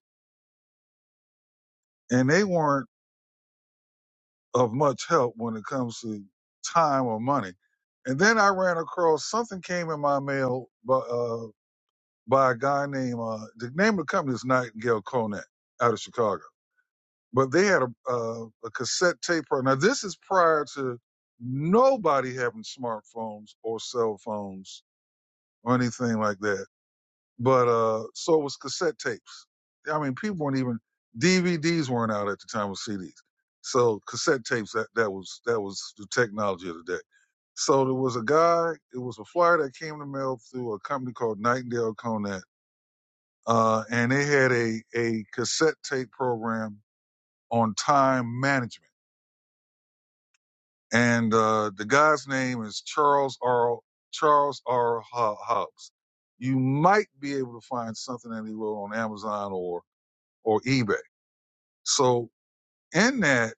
and they weren't of much help when it comes to time or money. And then I ran across something came in my mail by, uh, by a guy named uh, the name of the company is Nightingale Conant out of Chicago, but they had a, uh, a cassette tape. Now this is prior to nobody having smartphones or cell phones or anything like that But uh, so was cassette tapes. I mean, people weren't even DVDs weren't out at the time of CDs. So cassette tapes that that was that was the technology of the day. So there was a guy. It was a flyer that came in the mail through a company called Nightingale Conant, uh, and they had a a cassette tape program on time management. And uh, the guy's name is Charles R. Charles R. Ho- Hobbs. You might be able to find something that he wrote on Amazon or or eBay. So in that,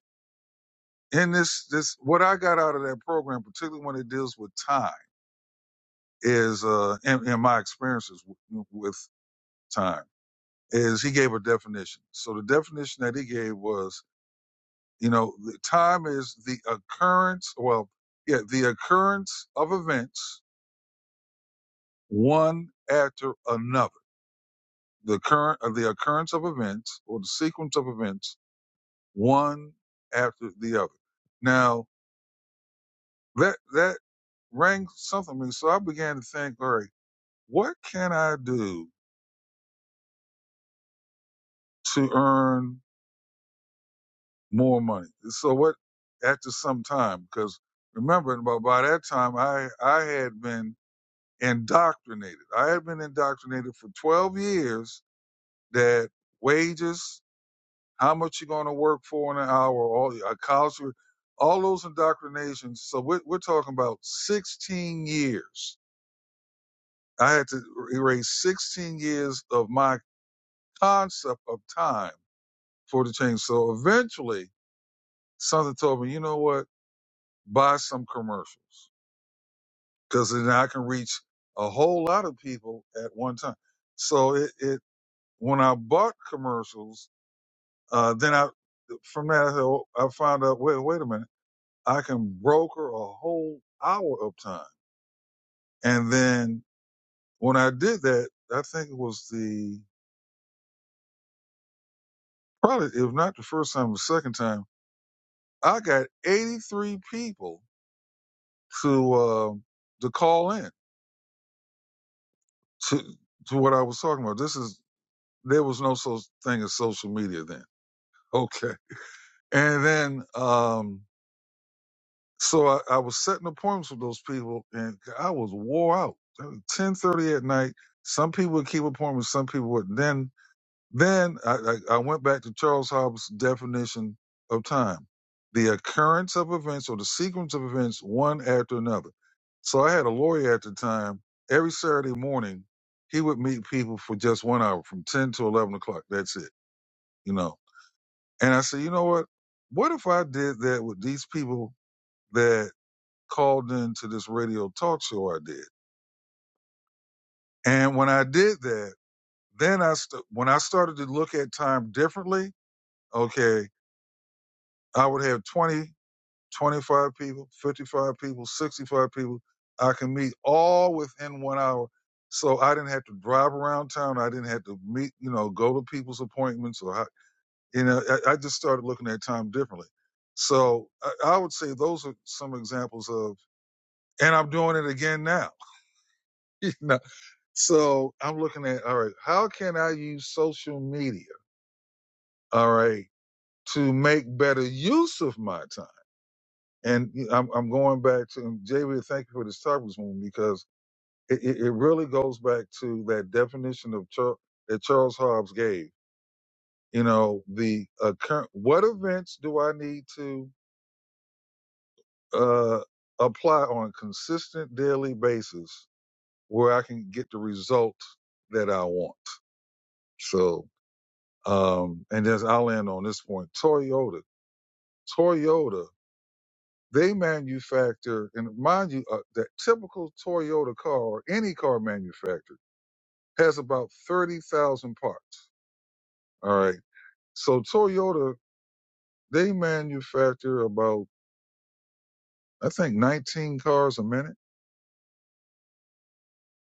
in this, this, what I got out of that program, particularly when it deals with time, is uh, in, in my experiences w- with time, is he gave a definition. So the definition that he gave was, you know, the time is the occurrence. Well, yeah, the occurrence of events one after another. The current, uh, the occurrence of events or the sequence of events one after the other. Now, That that rang something. in me. so I began to think, all right, what can I do to earn more money? So what after some time, because remember, by, by that time I I had been indoctrinated. I had been indoctrinated for 12 years that wages, how much you're going to work for in an hour, all the culture, all those indoctrinations. So we're, we're talking about 16 years. I had to erase 16 years of my concept of time for the change. So eventually, something told me, you know what? Buy some commercials because then I can reach a whole lot of people at one time. So it, it when I bought commercials, uh, then I from that I said, "Oh," I found out. Wait, wait a minute. I can broker a whole hour of time, and then when I did that, I think it was the probably if not the first time, the second time, I got eighty three people to uh, to call in to to what I was talking about. This is there was no such thing as social media then. Okay, and then um, so I, I was setting appointments with those people, and I was wore out. Ten thirty at night. Some people would keep appointments, some people would. Then Then I, I, I went back to Charles Hobbes' definition of time the occurrence of events or the sequence of events one after another. So I had a lawyer at the time. Every Saturday morning, he would meet people for just one hour from 10 to 11 o'clock. That's it, you know. And I said, you know what? What if I did that with these people that called in to this radio talk show I did? And when I did that, then I st- when I started to look at time differently, okay, I would have 20, 25 people, 55 people, 65 people I can meet all within one hour. So I didn't have to drive around town. I didn't have to meet, you know, go to people's appointments or, you know, I, I just started looking at time differently. So I, I would say those are some examples of, and I'm doing it again now. you know? So I'm looking at, all right, how can I use social media? All right. To make better use of my time And I'm, I'm going back to and Javier. Thank you for this topic this morning because it, it, it really goes back to that definition of Char- that Charles Hobbs gave. You know, the uh, current what events do I need to uh, apply on a consistent daily basis where I can get the result that I want? So, um, and as I'll end on this point, Toyota. Toyota They manufacture, and mind you, uh, that typical Toyota car, or any car manufacturer has about 30,000 parts. All right. So Toyota, they manufacture about, I think, 19 cars a minute,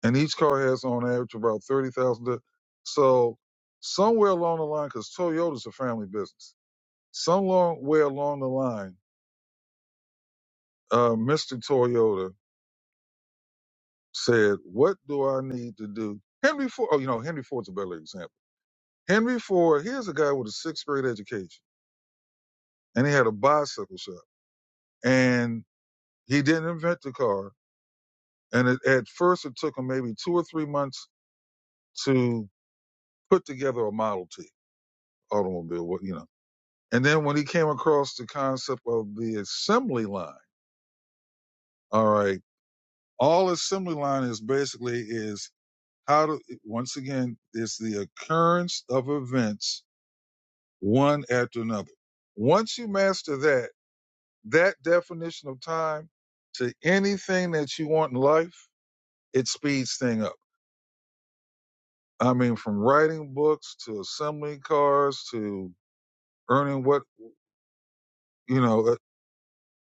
and each car has on average about 30,000. di- So somewhere along the line, because Toyota's a family business, somewhere along the line, uh, Mr. Toyota said, "What do I need to do?" Henry Ford. Oh, you know, Henry Ford's a better example. Henry Ford, here's a guy with a sixth grade education, and he had a bicycle shop, and he didn't invent the car. And it, at first, it took him maybe two or three months to put together a Model T automobile, what you know. And then when he came across the concept of the assembly line, all right, all assembly line is basically is how to once again it's the occurrence of events one after another. Once you master that that definition of time to anything that you want in life, it speeds things up. I mean, from writing books to assembling cars to earning what you know. uh,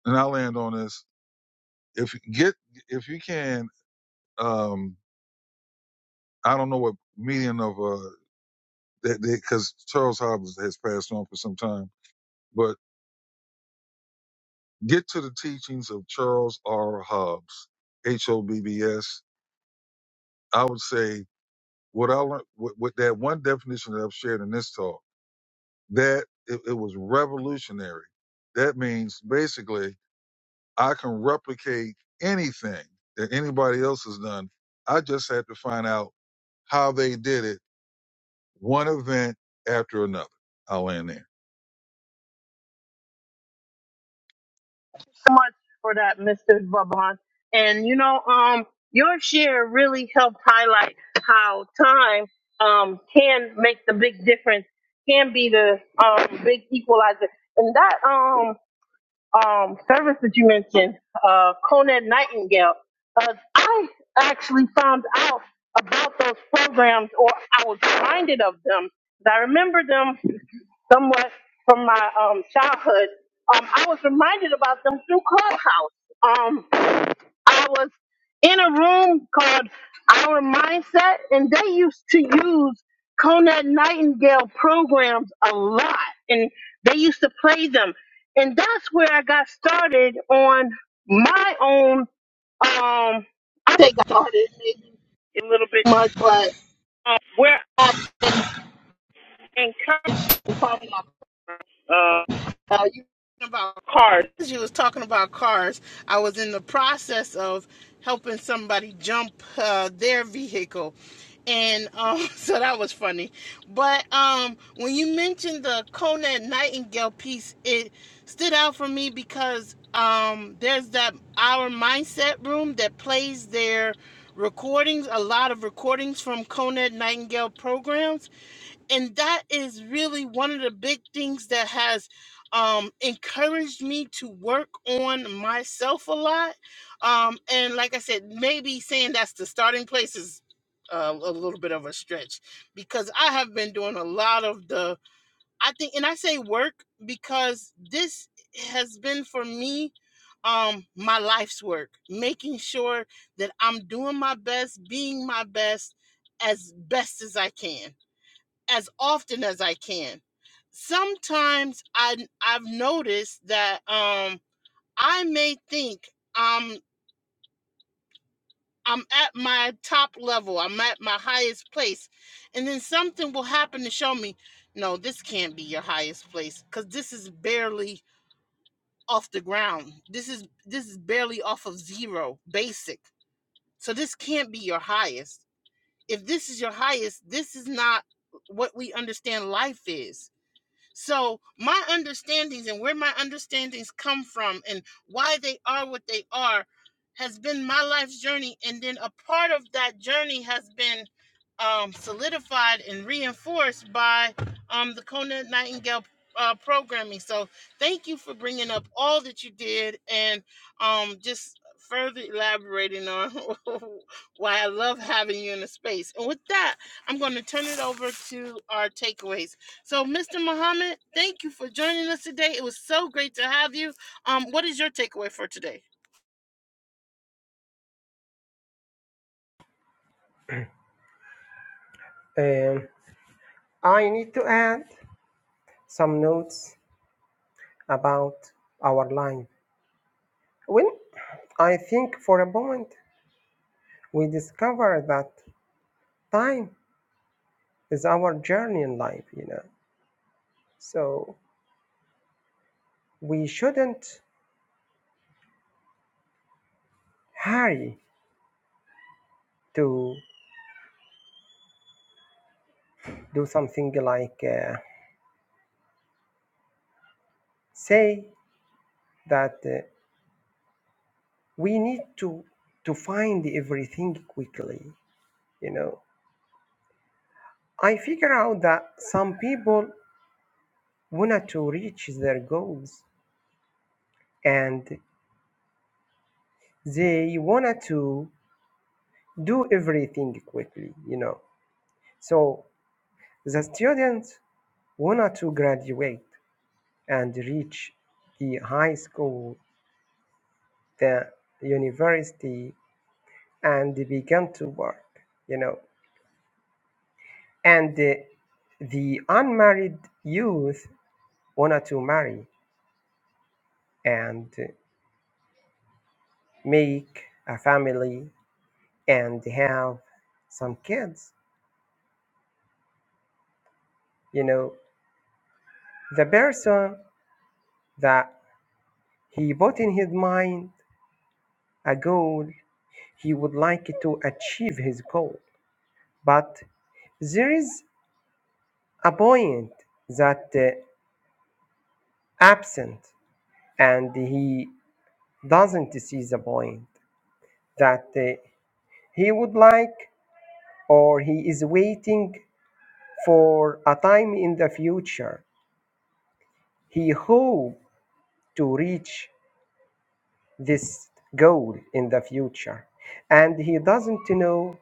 And I land on this: if you get if you can, um, I don't know what median of uh, because Charles Hobbs has passed on for some time, but get to the teachings of Charles R. Hobbs, H O B B S. I would say what I learned with, with that one definition that I've shared in this talk that it, it was revolutionary. That means basically I can replicate anything that anybody else has done. I just had to find out how they did it, one event after another. I'll end For that, Mr. Vaban. And you know, um, your share really helped highlight how time um can make the big difference, can be the um big equalizer. And that um um service that you mentioned, uh, Conan Nightingale, uh, I actually found out about those programs, or I was reminded of them. I remember them somewhat from my um, childhood, um, I was reminded about them through Clubhouse. Um, I was in a room called Our Mindset, and they used to use Conant Nightingale programs a lot, and they used to play them. And that's where I got started on my own. Um, I say got started maybe a little bit much, but um, where I encouraged. Uh, Uh, you were talking about cars. You was talking about cars. I was in the process of helping somebody jump uh, their vehicle, and um, so that was funny. But um, when you mentioned the Conant Nightingale piece, it stood out for me because um, there's that our mindset room that plays their recordings, a lot of recordings from Conant Nightingale programs and that is really one of the big things that has um, encouraged me to work on myself a lot. Um, and like I said, maybe saying that's the starting place is uh, a little bit of a stretch because I have been doing a lot of the, I think, and I say work because this has been for me um my life's work making sure that i'm doing my best being my best as best as i can as often as I can. Sometimes I I've noticed that um I may think um I'm at my top level, I'm at my highest place, and then something will happen to show me, no, this can't be your highest place cuz this is barely off the ground. This is this is barely off of zero, basic. So this can't be your highest. If this is your highest, this is not what we understand life is So my understandings and where my understandings come from and why they are what they are has been my life's journey. And then a part of that journey has been um, solidified and reinforced by um, the Kona Nightingale uh, programming. So thank you for bringing up all that you did and um, just further elaborating on why I love having you in the space. And with that, I'm going to turn it over to our takeaways. So, Mr. Muhammad, thank you for joining us today. It was so great to have you. Um, what is your takeaway for today? Um, I need to add some notes about our life. When I think for a moment, we discover that time is our journey in life, you know. So we shouldn't hurry to do something like uh, say that uh, we need to to find everything quickly, you know. I figure out that some people want to reach their goals and they wanted to do everything quickly, you know. So the students wanted to graduate and reach the high school, the university, and begin to work, you know. And uh, the unmarried youth wanted to marry and make a family and have some kids, you know. The person that He put in his mind a goal he would like to achieve his goal, but there is a point that uh, absent and he doesn't see the point that uh, he would like or he is waiting for a time in the future he hope to reach this goal in the future and he doesn't know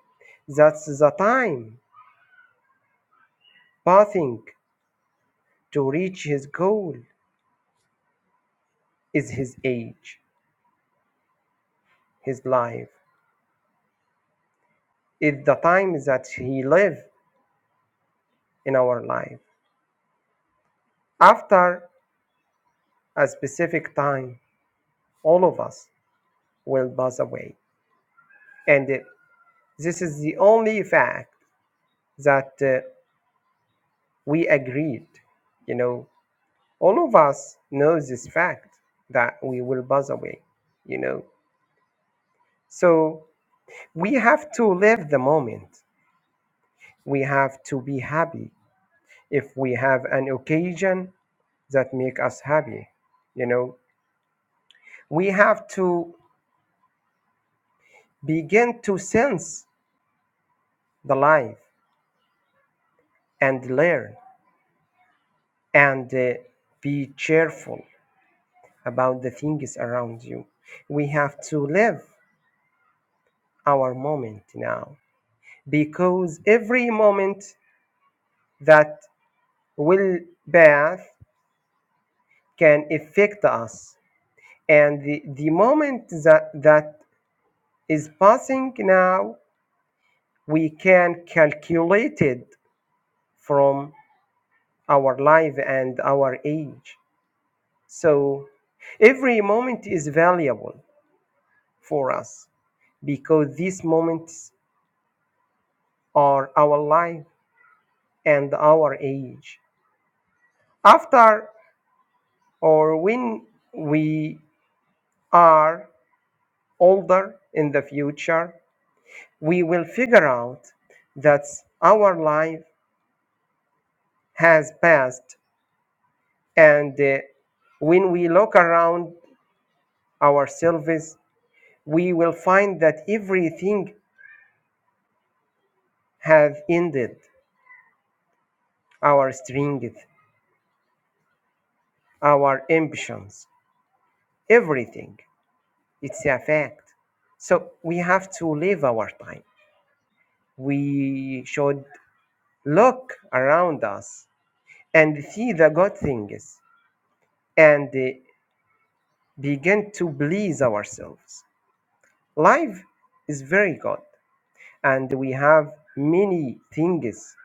that the time passing To reach his goal is his age, his life, is the time that he live in our life. After a specific time, all of us will pass away. And uh, this is the only fact that uh, we agreed. You know, all of us know this fact that we will pass away, you know. So we have to live the moment. We have to be happy. If we have an occasion, that make us happy you know we have to begin to sense the life and learn and uh, be cheerful about the things around you we have to live our moment now because every moment that will pass can affect us and the, the moment that that is passing now we can calculate it from our life and our age. So every moment is valuable for us because these moments are our life and our age. After or when we are older in the future, we will figure out that our life has passed and uh, when we look around ourselves, we will find that everything have ended our strength, our ambitions, everything. It's a fact. So we have to live our time. We should look around us and see the good things and uh, begin to please ourselves. Life is very good, and we have many things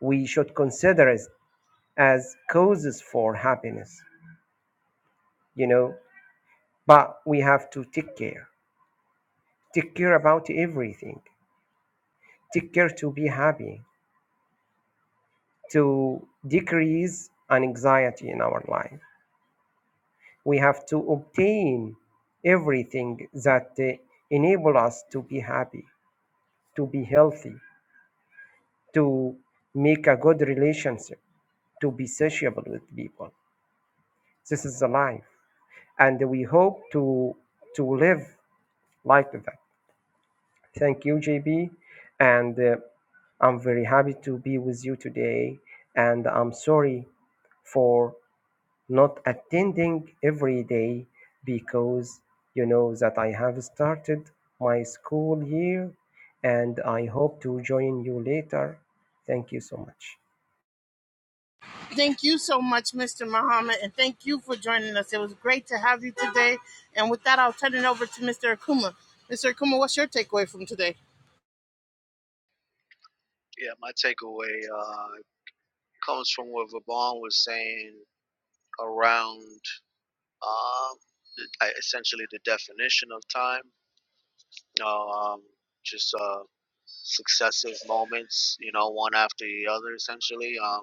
we should consider as, as causes for happiness, you know, but we have to take care take care about everything take care to be happy to decrease an anxiety in our life we have to obtain everything that uh, enable us to be happy to be healthy to make a good relationship to be sociable with people this is the life and we hope to to live like that Thank you, JB. And uh, I'm very happy to be with you today. And I'm sorry for not attending every day because you know that I have started my school year and I hope to join you later. Thank you so much. Thank you so much, Mr. Muhammad, and thank you for joining us. It was great to have you today. And with that, I'll turn it over to Mr. Akuma. Mr. Akuma, what's your takeaway from today? Yeah, my takeaway uh, comes from what Vaughn was saying around um, I- essentially the definition of time. You know, um, just uh, successive moments, you know, one after the other, essentially. Um,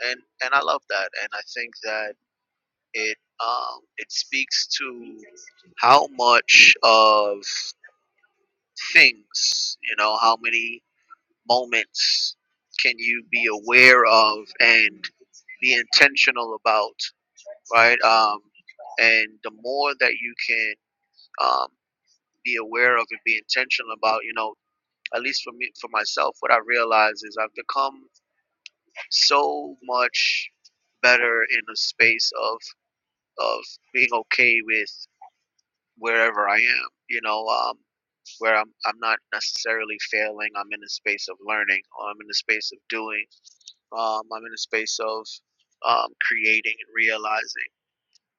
and and I love that, and I think that. it um, it speaks to how much of things you know how many moments can you be aware of and be intentional about right um, and the more that you can um, be aware of and be intentional about you know at least for me for myself what i realize is i've become so much better in a space of of being okay with wherever I am, you know, um, where I'm, I'm not necessarily failing. I'm in a space of learning, or I'm in a space of doing, um, I'm in a space of um, creating and realizing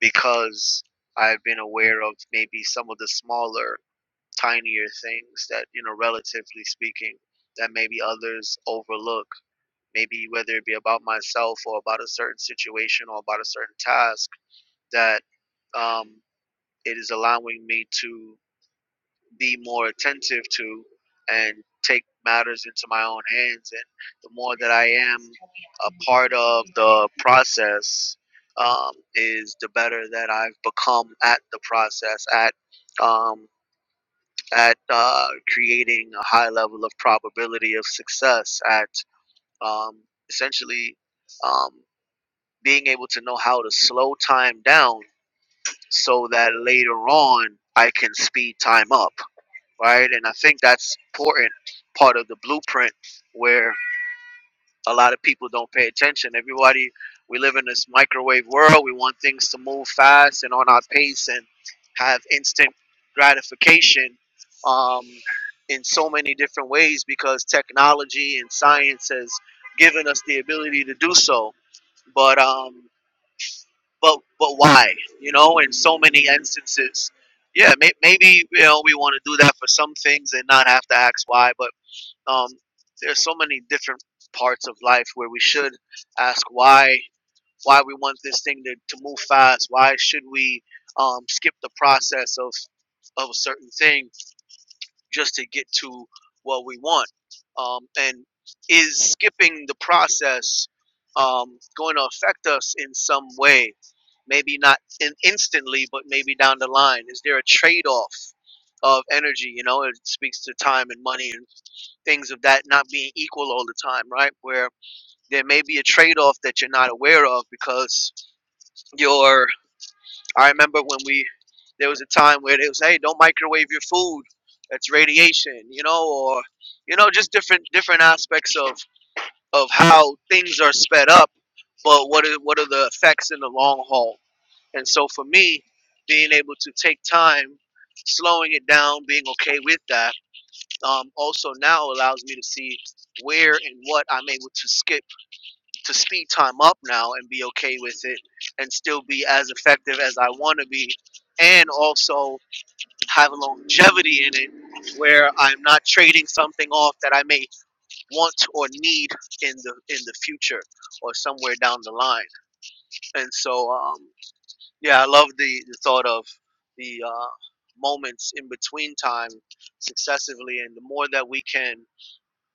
because I've been aware of maybe some of the smaller, tinier things that, you know, relatively speaking, that maybe others overlook. Maybe whether it be about myself or about a certain situation or about a certain task that um, it is allowing me to be more attentive to and take matters into my own hands. And the more that I am a part of the process, um, is the better that I've become at the process, at um, at uh, creating a high level of probability of success, at um, essentially um, being able to know how to slow time down so that later on I can speed time up right? And I think that's important part of the blueprint where a lot of people don't pay attention. Everybody, we live in this microwave world. We want things to move fast and on our pace and have instant gratification um, in so many different ways because technology and science has given us the ability to do so. But um, but but why? You know, in so many instances, yeah, may, maybe you know we want to do that for some things and not have to ask why. But um, there's so many different parts of life where we should ask why why we want this thing to, to move fast. Why should we um, skip the process of of a certain thing? just to get to what we want? Um, and is skipping the process um, going to affect us in some way? Maybe not in instantly, but maybe down the line. Is there a trade off of energy? You know, it speaks to time and money and things of that not being equal all the time, right? Where there may be a trade off that you're not aware of because your I remember when we there was a time where it was, hey, don't microwave your food. That's radiation, you know, or you know, just different different aspects of of how things are sped up, but what are what are the effects in the long haul? And so for me, being able to take time, slowing it down, being okay with that, um, also now allows me to see where and what I'm able to skip to speed time up now and be okay with it and still be as effective as I want to be and also have a longevity in it where I'm not trading something off that I may want or need in the in the future or somewhere down the line. And so um, yeah, I love the, the thought of the uh, moments in between time successively and the more that we can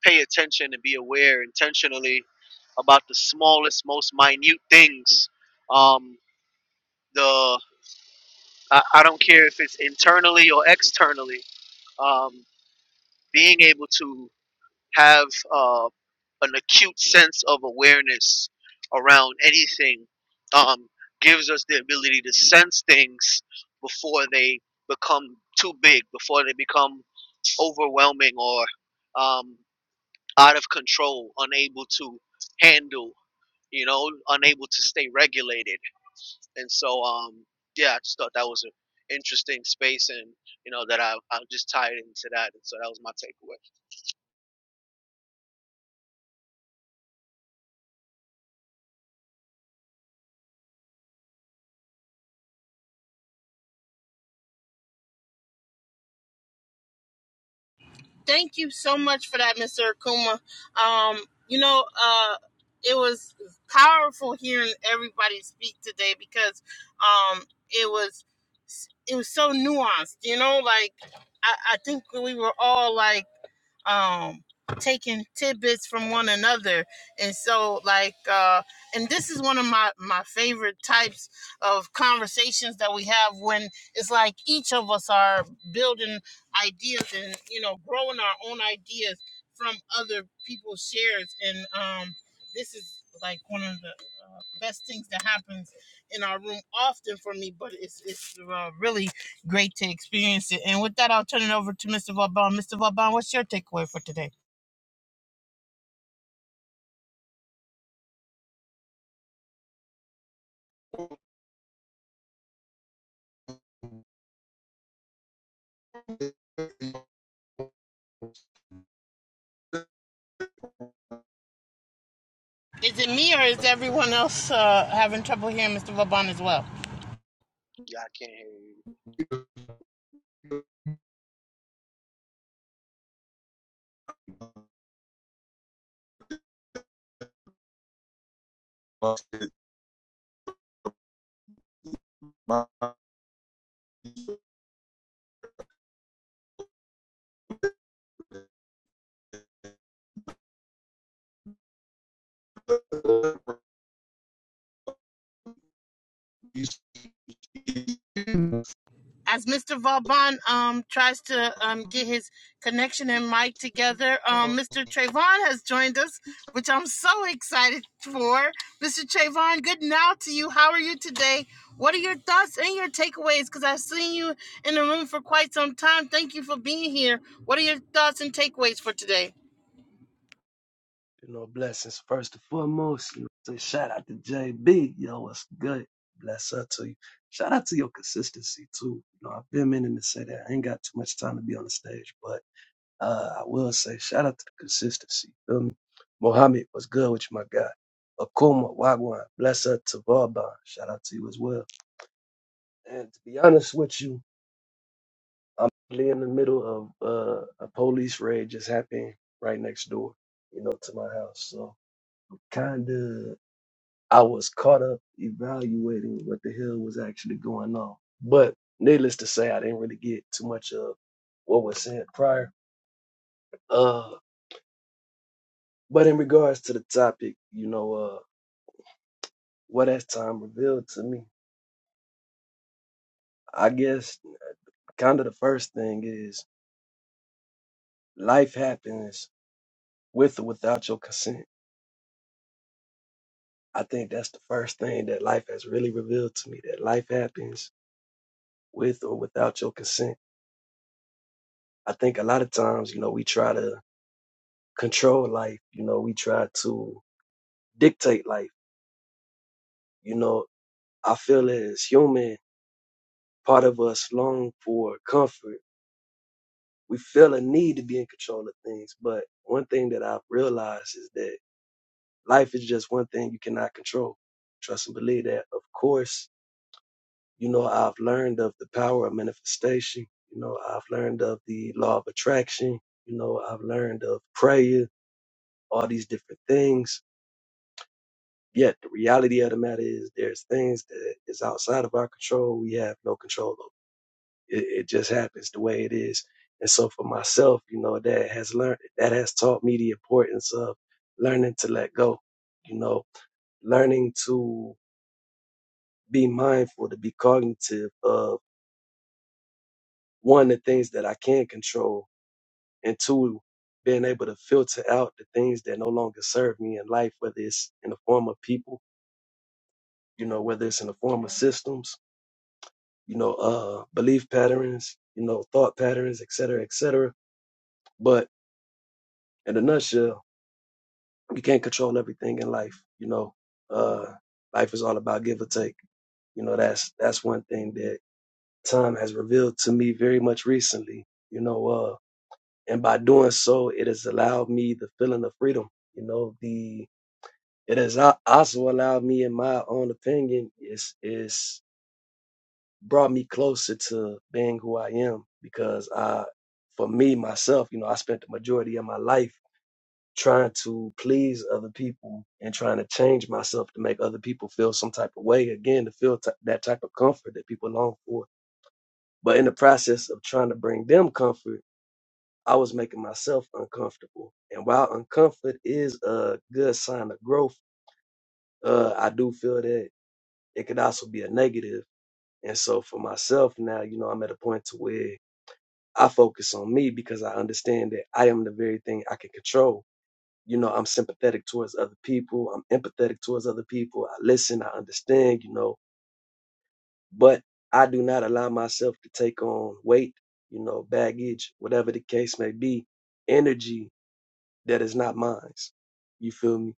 pay attention and be aware intentionally about the smallest, most minute things. Um, the I, I don't care if it's internally or externally. Um, being able to have uh, an acute sense of awareness around anything um, gives us the ability to sense things before they become too big, before they become overwhelming or um, out of control, unable to handle, you know, unable to stay regulated. And so, um, yeah, I just thought that was an interesting space, and you know that I I just tied into that, and so that was my takeaway. Thank you so much for that, Mr. Akuma. Um, you know, uh, it was powerful hearing everybody speak today because um, it was it was so nuanced. You know, like I, I think we were all like um taking tidbits from one another and so like uh and this is one of my my favorite types of conversations that we have when it's like each of us are building ideas and you know growing our own ideas from other people's shares and um this is like one of the uh, best things that happens in our room often for me but it's it's uh, really great to experience it. And with that, I'll turn it over to Mr. Vauban. Mr. Vauban, what's your takeaway for today? Is it me or is everyone else uh, having trouble hearing Mr. Vauban as well? Yeah, I can't hear you. there. As Mr. Vauban um, tries to um, get his connection and mic together, um, Mr. Trayvon has joined us, which I'm so excited for. Mr. Trayvon, good now to you. How are you today? What are your thoughts and your takeaways? Because I've seen you in the room for quite some time. Thank you for being here. What are your thoughts and takeaways for today? You know, blessings first and foremost. You know, say shout out to JB. Yo, what's good? Bless her to you. Shout out to your consistency too. You know, I've been meaning to say that. I ain't got too much time to be on the stage, but uh, I will say shout out to the consistency. Feel me? Mohammed, what's good with you, my guy? Akuma, Wagwan, bless her to Vauban. Shout out to you as well. And to be honest with you, I'm really in the middle of uh, a police raid just happened right next door, you know, to my house. So kind of. I was caught up evaluating what the hell was actually going on. But needless to say, I didn't really get too much of what was said prior. Uh, but in regards to the topic, you know, uh, what has time revealed to me? I guess kind of the first thing is life happens with or without your consent. I think that's the first thing that life has really revealed to me that life happens with or without your consent. I think a lot of times, you know, we try to control life. You know, we try to dictate life. You know, I feel as human, part of us long for comfort. We feel a need to be in control of things. But one thing that I've realized is that life is just one thing you cannot control. Trust and believe that. Of course, you know, I've learned of the power of manifestation. You know, I've learned of the law of attraction. You know, I've learned of prayer, all these different things Yet the reality of the matter is there's things that is outside of our control. We have no control over. It, it just happens the way it is. And so for myself, you know, that has learned, that has taught me the importance of learning to let go, you know, learning to be mindful, to be cognitive of one, the things that I can control and two, being able to filter out the things that no longer serve me in life, whether it's in the form of people, you know, whether it's in the form of systems, you know, uh, belief patterns, you know, thought patterns, et cetera, et cetera. But in a nutshell, you can't control everything in life. You know, uh, life is all about give or take. You know, that's that's one thing that time has revealed to me very much recently. You know, uh, and by doing so, it has allowed me the feeling of freedom. You know, the it has also allowed me, in my own opinion, is is brought me closer to being who I am because I, for me myself, you know, I spent the majority of my life trying to please other people and trying to change myself to make other people feel some type of way again to feel t- that type of comfort that people long for. But in the process of trying to bring them comfort, I was making myself uncomfortable. And while uncomfort is a good sign of growth, uh, I do feel that it could also be a negative. And so for myself now, you know, I'm at a point to where I focus on me because I understand that I am the very thing I can control. You know, I'm sympathetic towards other people. I'm empathetic towards other people. I listen. I understand, you know, but I do not allow myself to take on weight, you know, baggage, whatever the case may be, energy that is not mine. You feel me?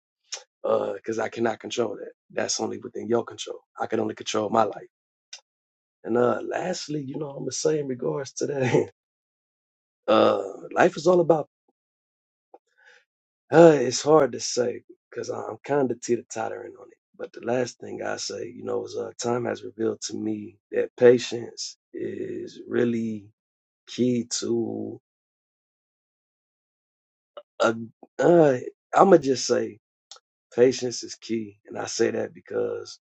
Uh, cause I cannot control that. That's only within your control. I can only control my life. And, uh, lastly, you know, I'm going to say in regards to that, uh, life is all about Uh, it's hard to say because I'm kind of teeter tottering on it. But the last thing I say, you know, is uh, time has revealed to me that patience is really key to a. Uh, I'm gonna just say patience is key, and I say that because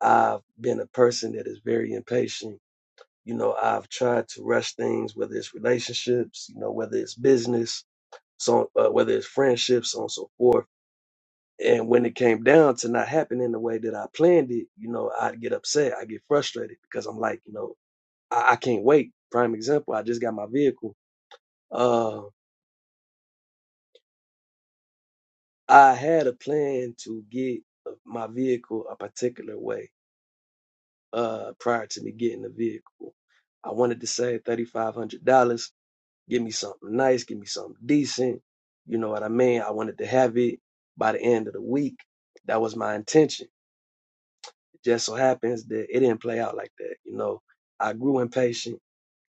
I've been a person that is very impatient. You know, I've tried to rush things, whether it's relationships, you know, whether it's business, so uh, whether it's friendships, so on and so forth And when it came down to not happening the way that I planned it, you know, I'd get upset. I get frustrated because I'm like, you know, I, I can't wait. Prime example, I just got my vehicle. Uh, I had a plan to get my vehicle a particular way uh, prior to me getting the vehicle. I wanted to save $3,500, give me something nice, give me something decent. You know what I mean? I wanted to have it by the end of the week. That was my intention Just so happens that it didn't play out like that. You know, I grew impatient.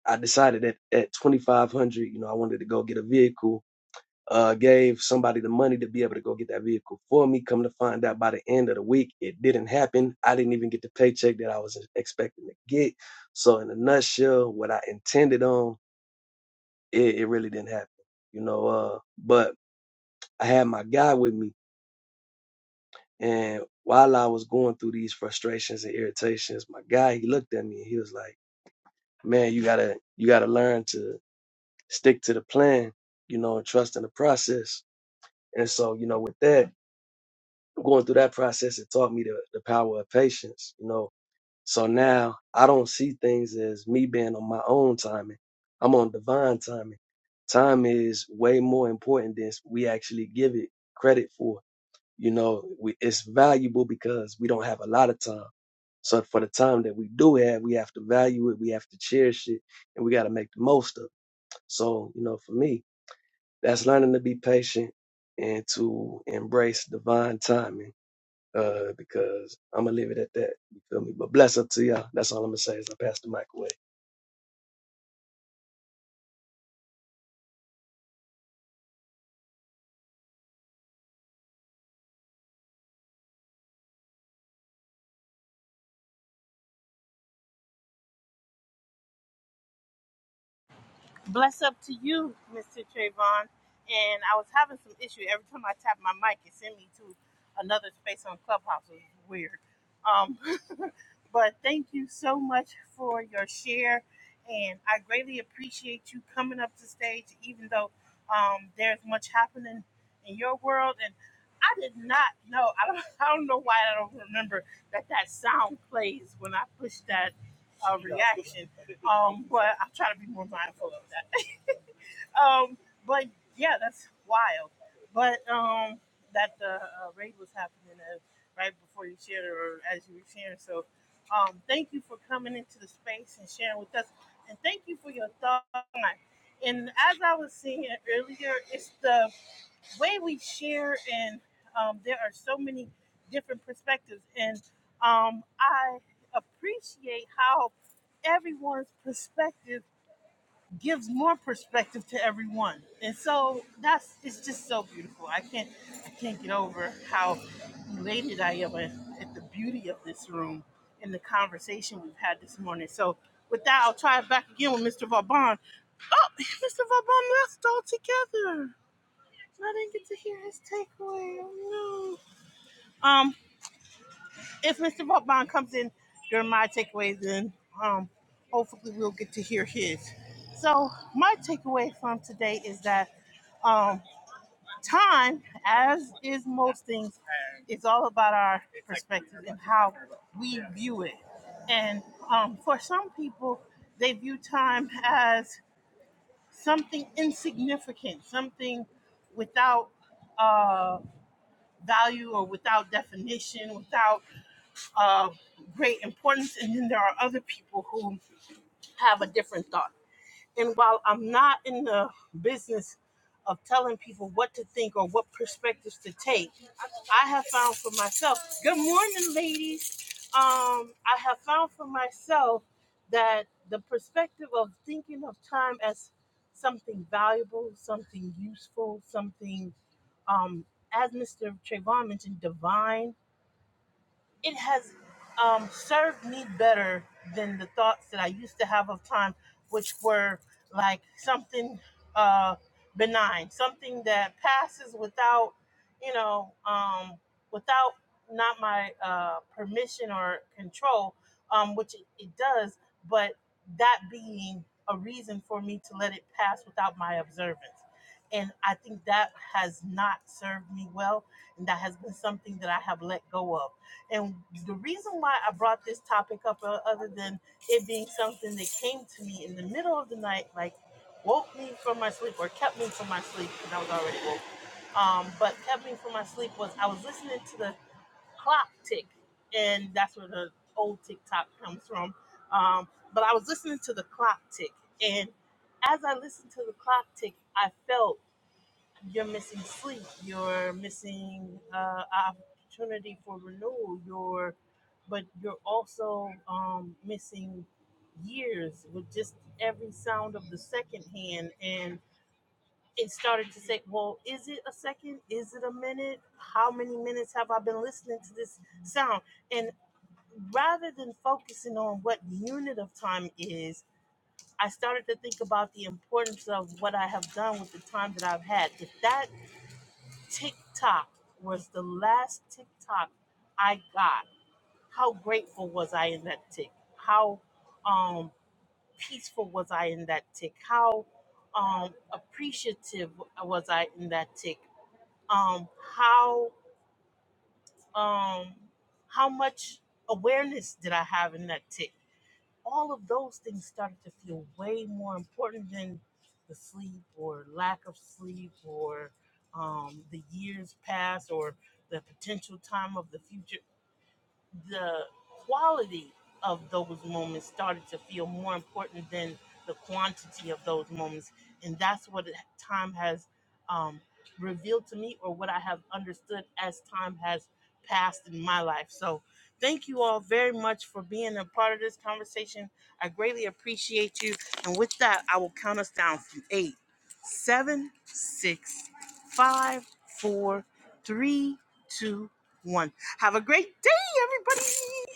I decided that at 2500 you know, I wanted to go get a vehicle. Uh, gave somebody the money to be able to go get that vehicle for me. Come to find out by the end of the week, it didn't happen. I didn't even get the paycheck that I was expecting to get. So, in a nutshell, what I intended on, it, it really didn't happen. You know, uh, but I had my guy with me. And while I was going through these frustrations and irritations, my guy, he looked at me and he was like, man, you gotta you gotta learn to stick to the plan, you know, and trust in the process. And so, you know, with that, going through that process, it taught me the, the power of patience, you know. So now I don't see things as me being on my own timing. I'm on divine timing. Time is way more important than we actually give it credit for. You know, we, it's valuable because we don't have a lot of time. So for the time that we do have, we have to value it, we have to cherish it, and we got to make the most of it. So, you know, for me, that's learning to be patient and to embrace divine timing. Uh, because I'm gonna leave it at that. You feel me? But bless up to y'all. That's all I'm gonna say as I pass the mic away. Bless up to you, Mr. Trayvon. And I was having some issue. Every time I tap my mic, it sent me to another space on Clubhouse. It was weird. Um, but thank you so much for your share. And I greatly appreciate you coming up to stage, even though um, there's much happening in your world. And I did not know. I don't, I don't know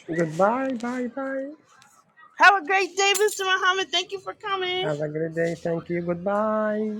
Goodbye. Bye bye. Have a great day. Thank you. Goodbye.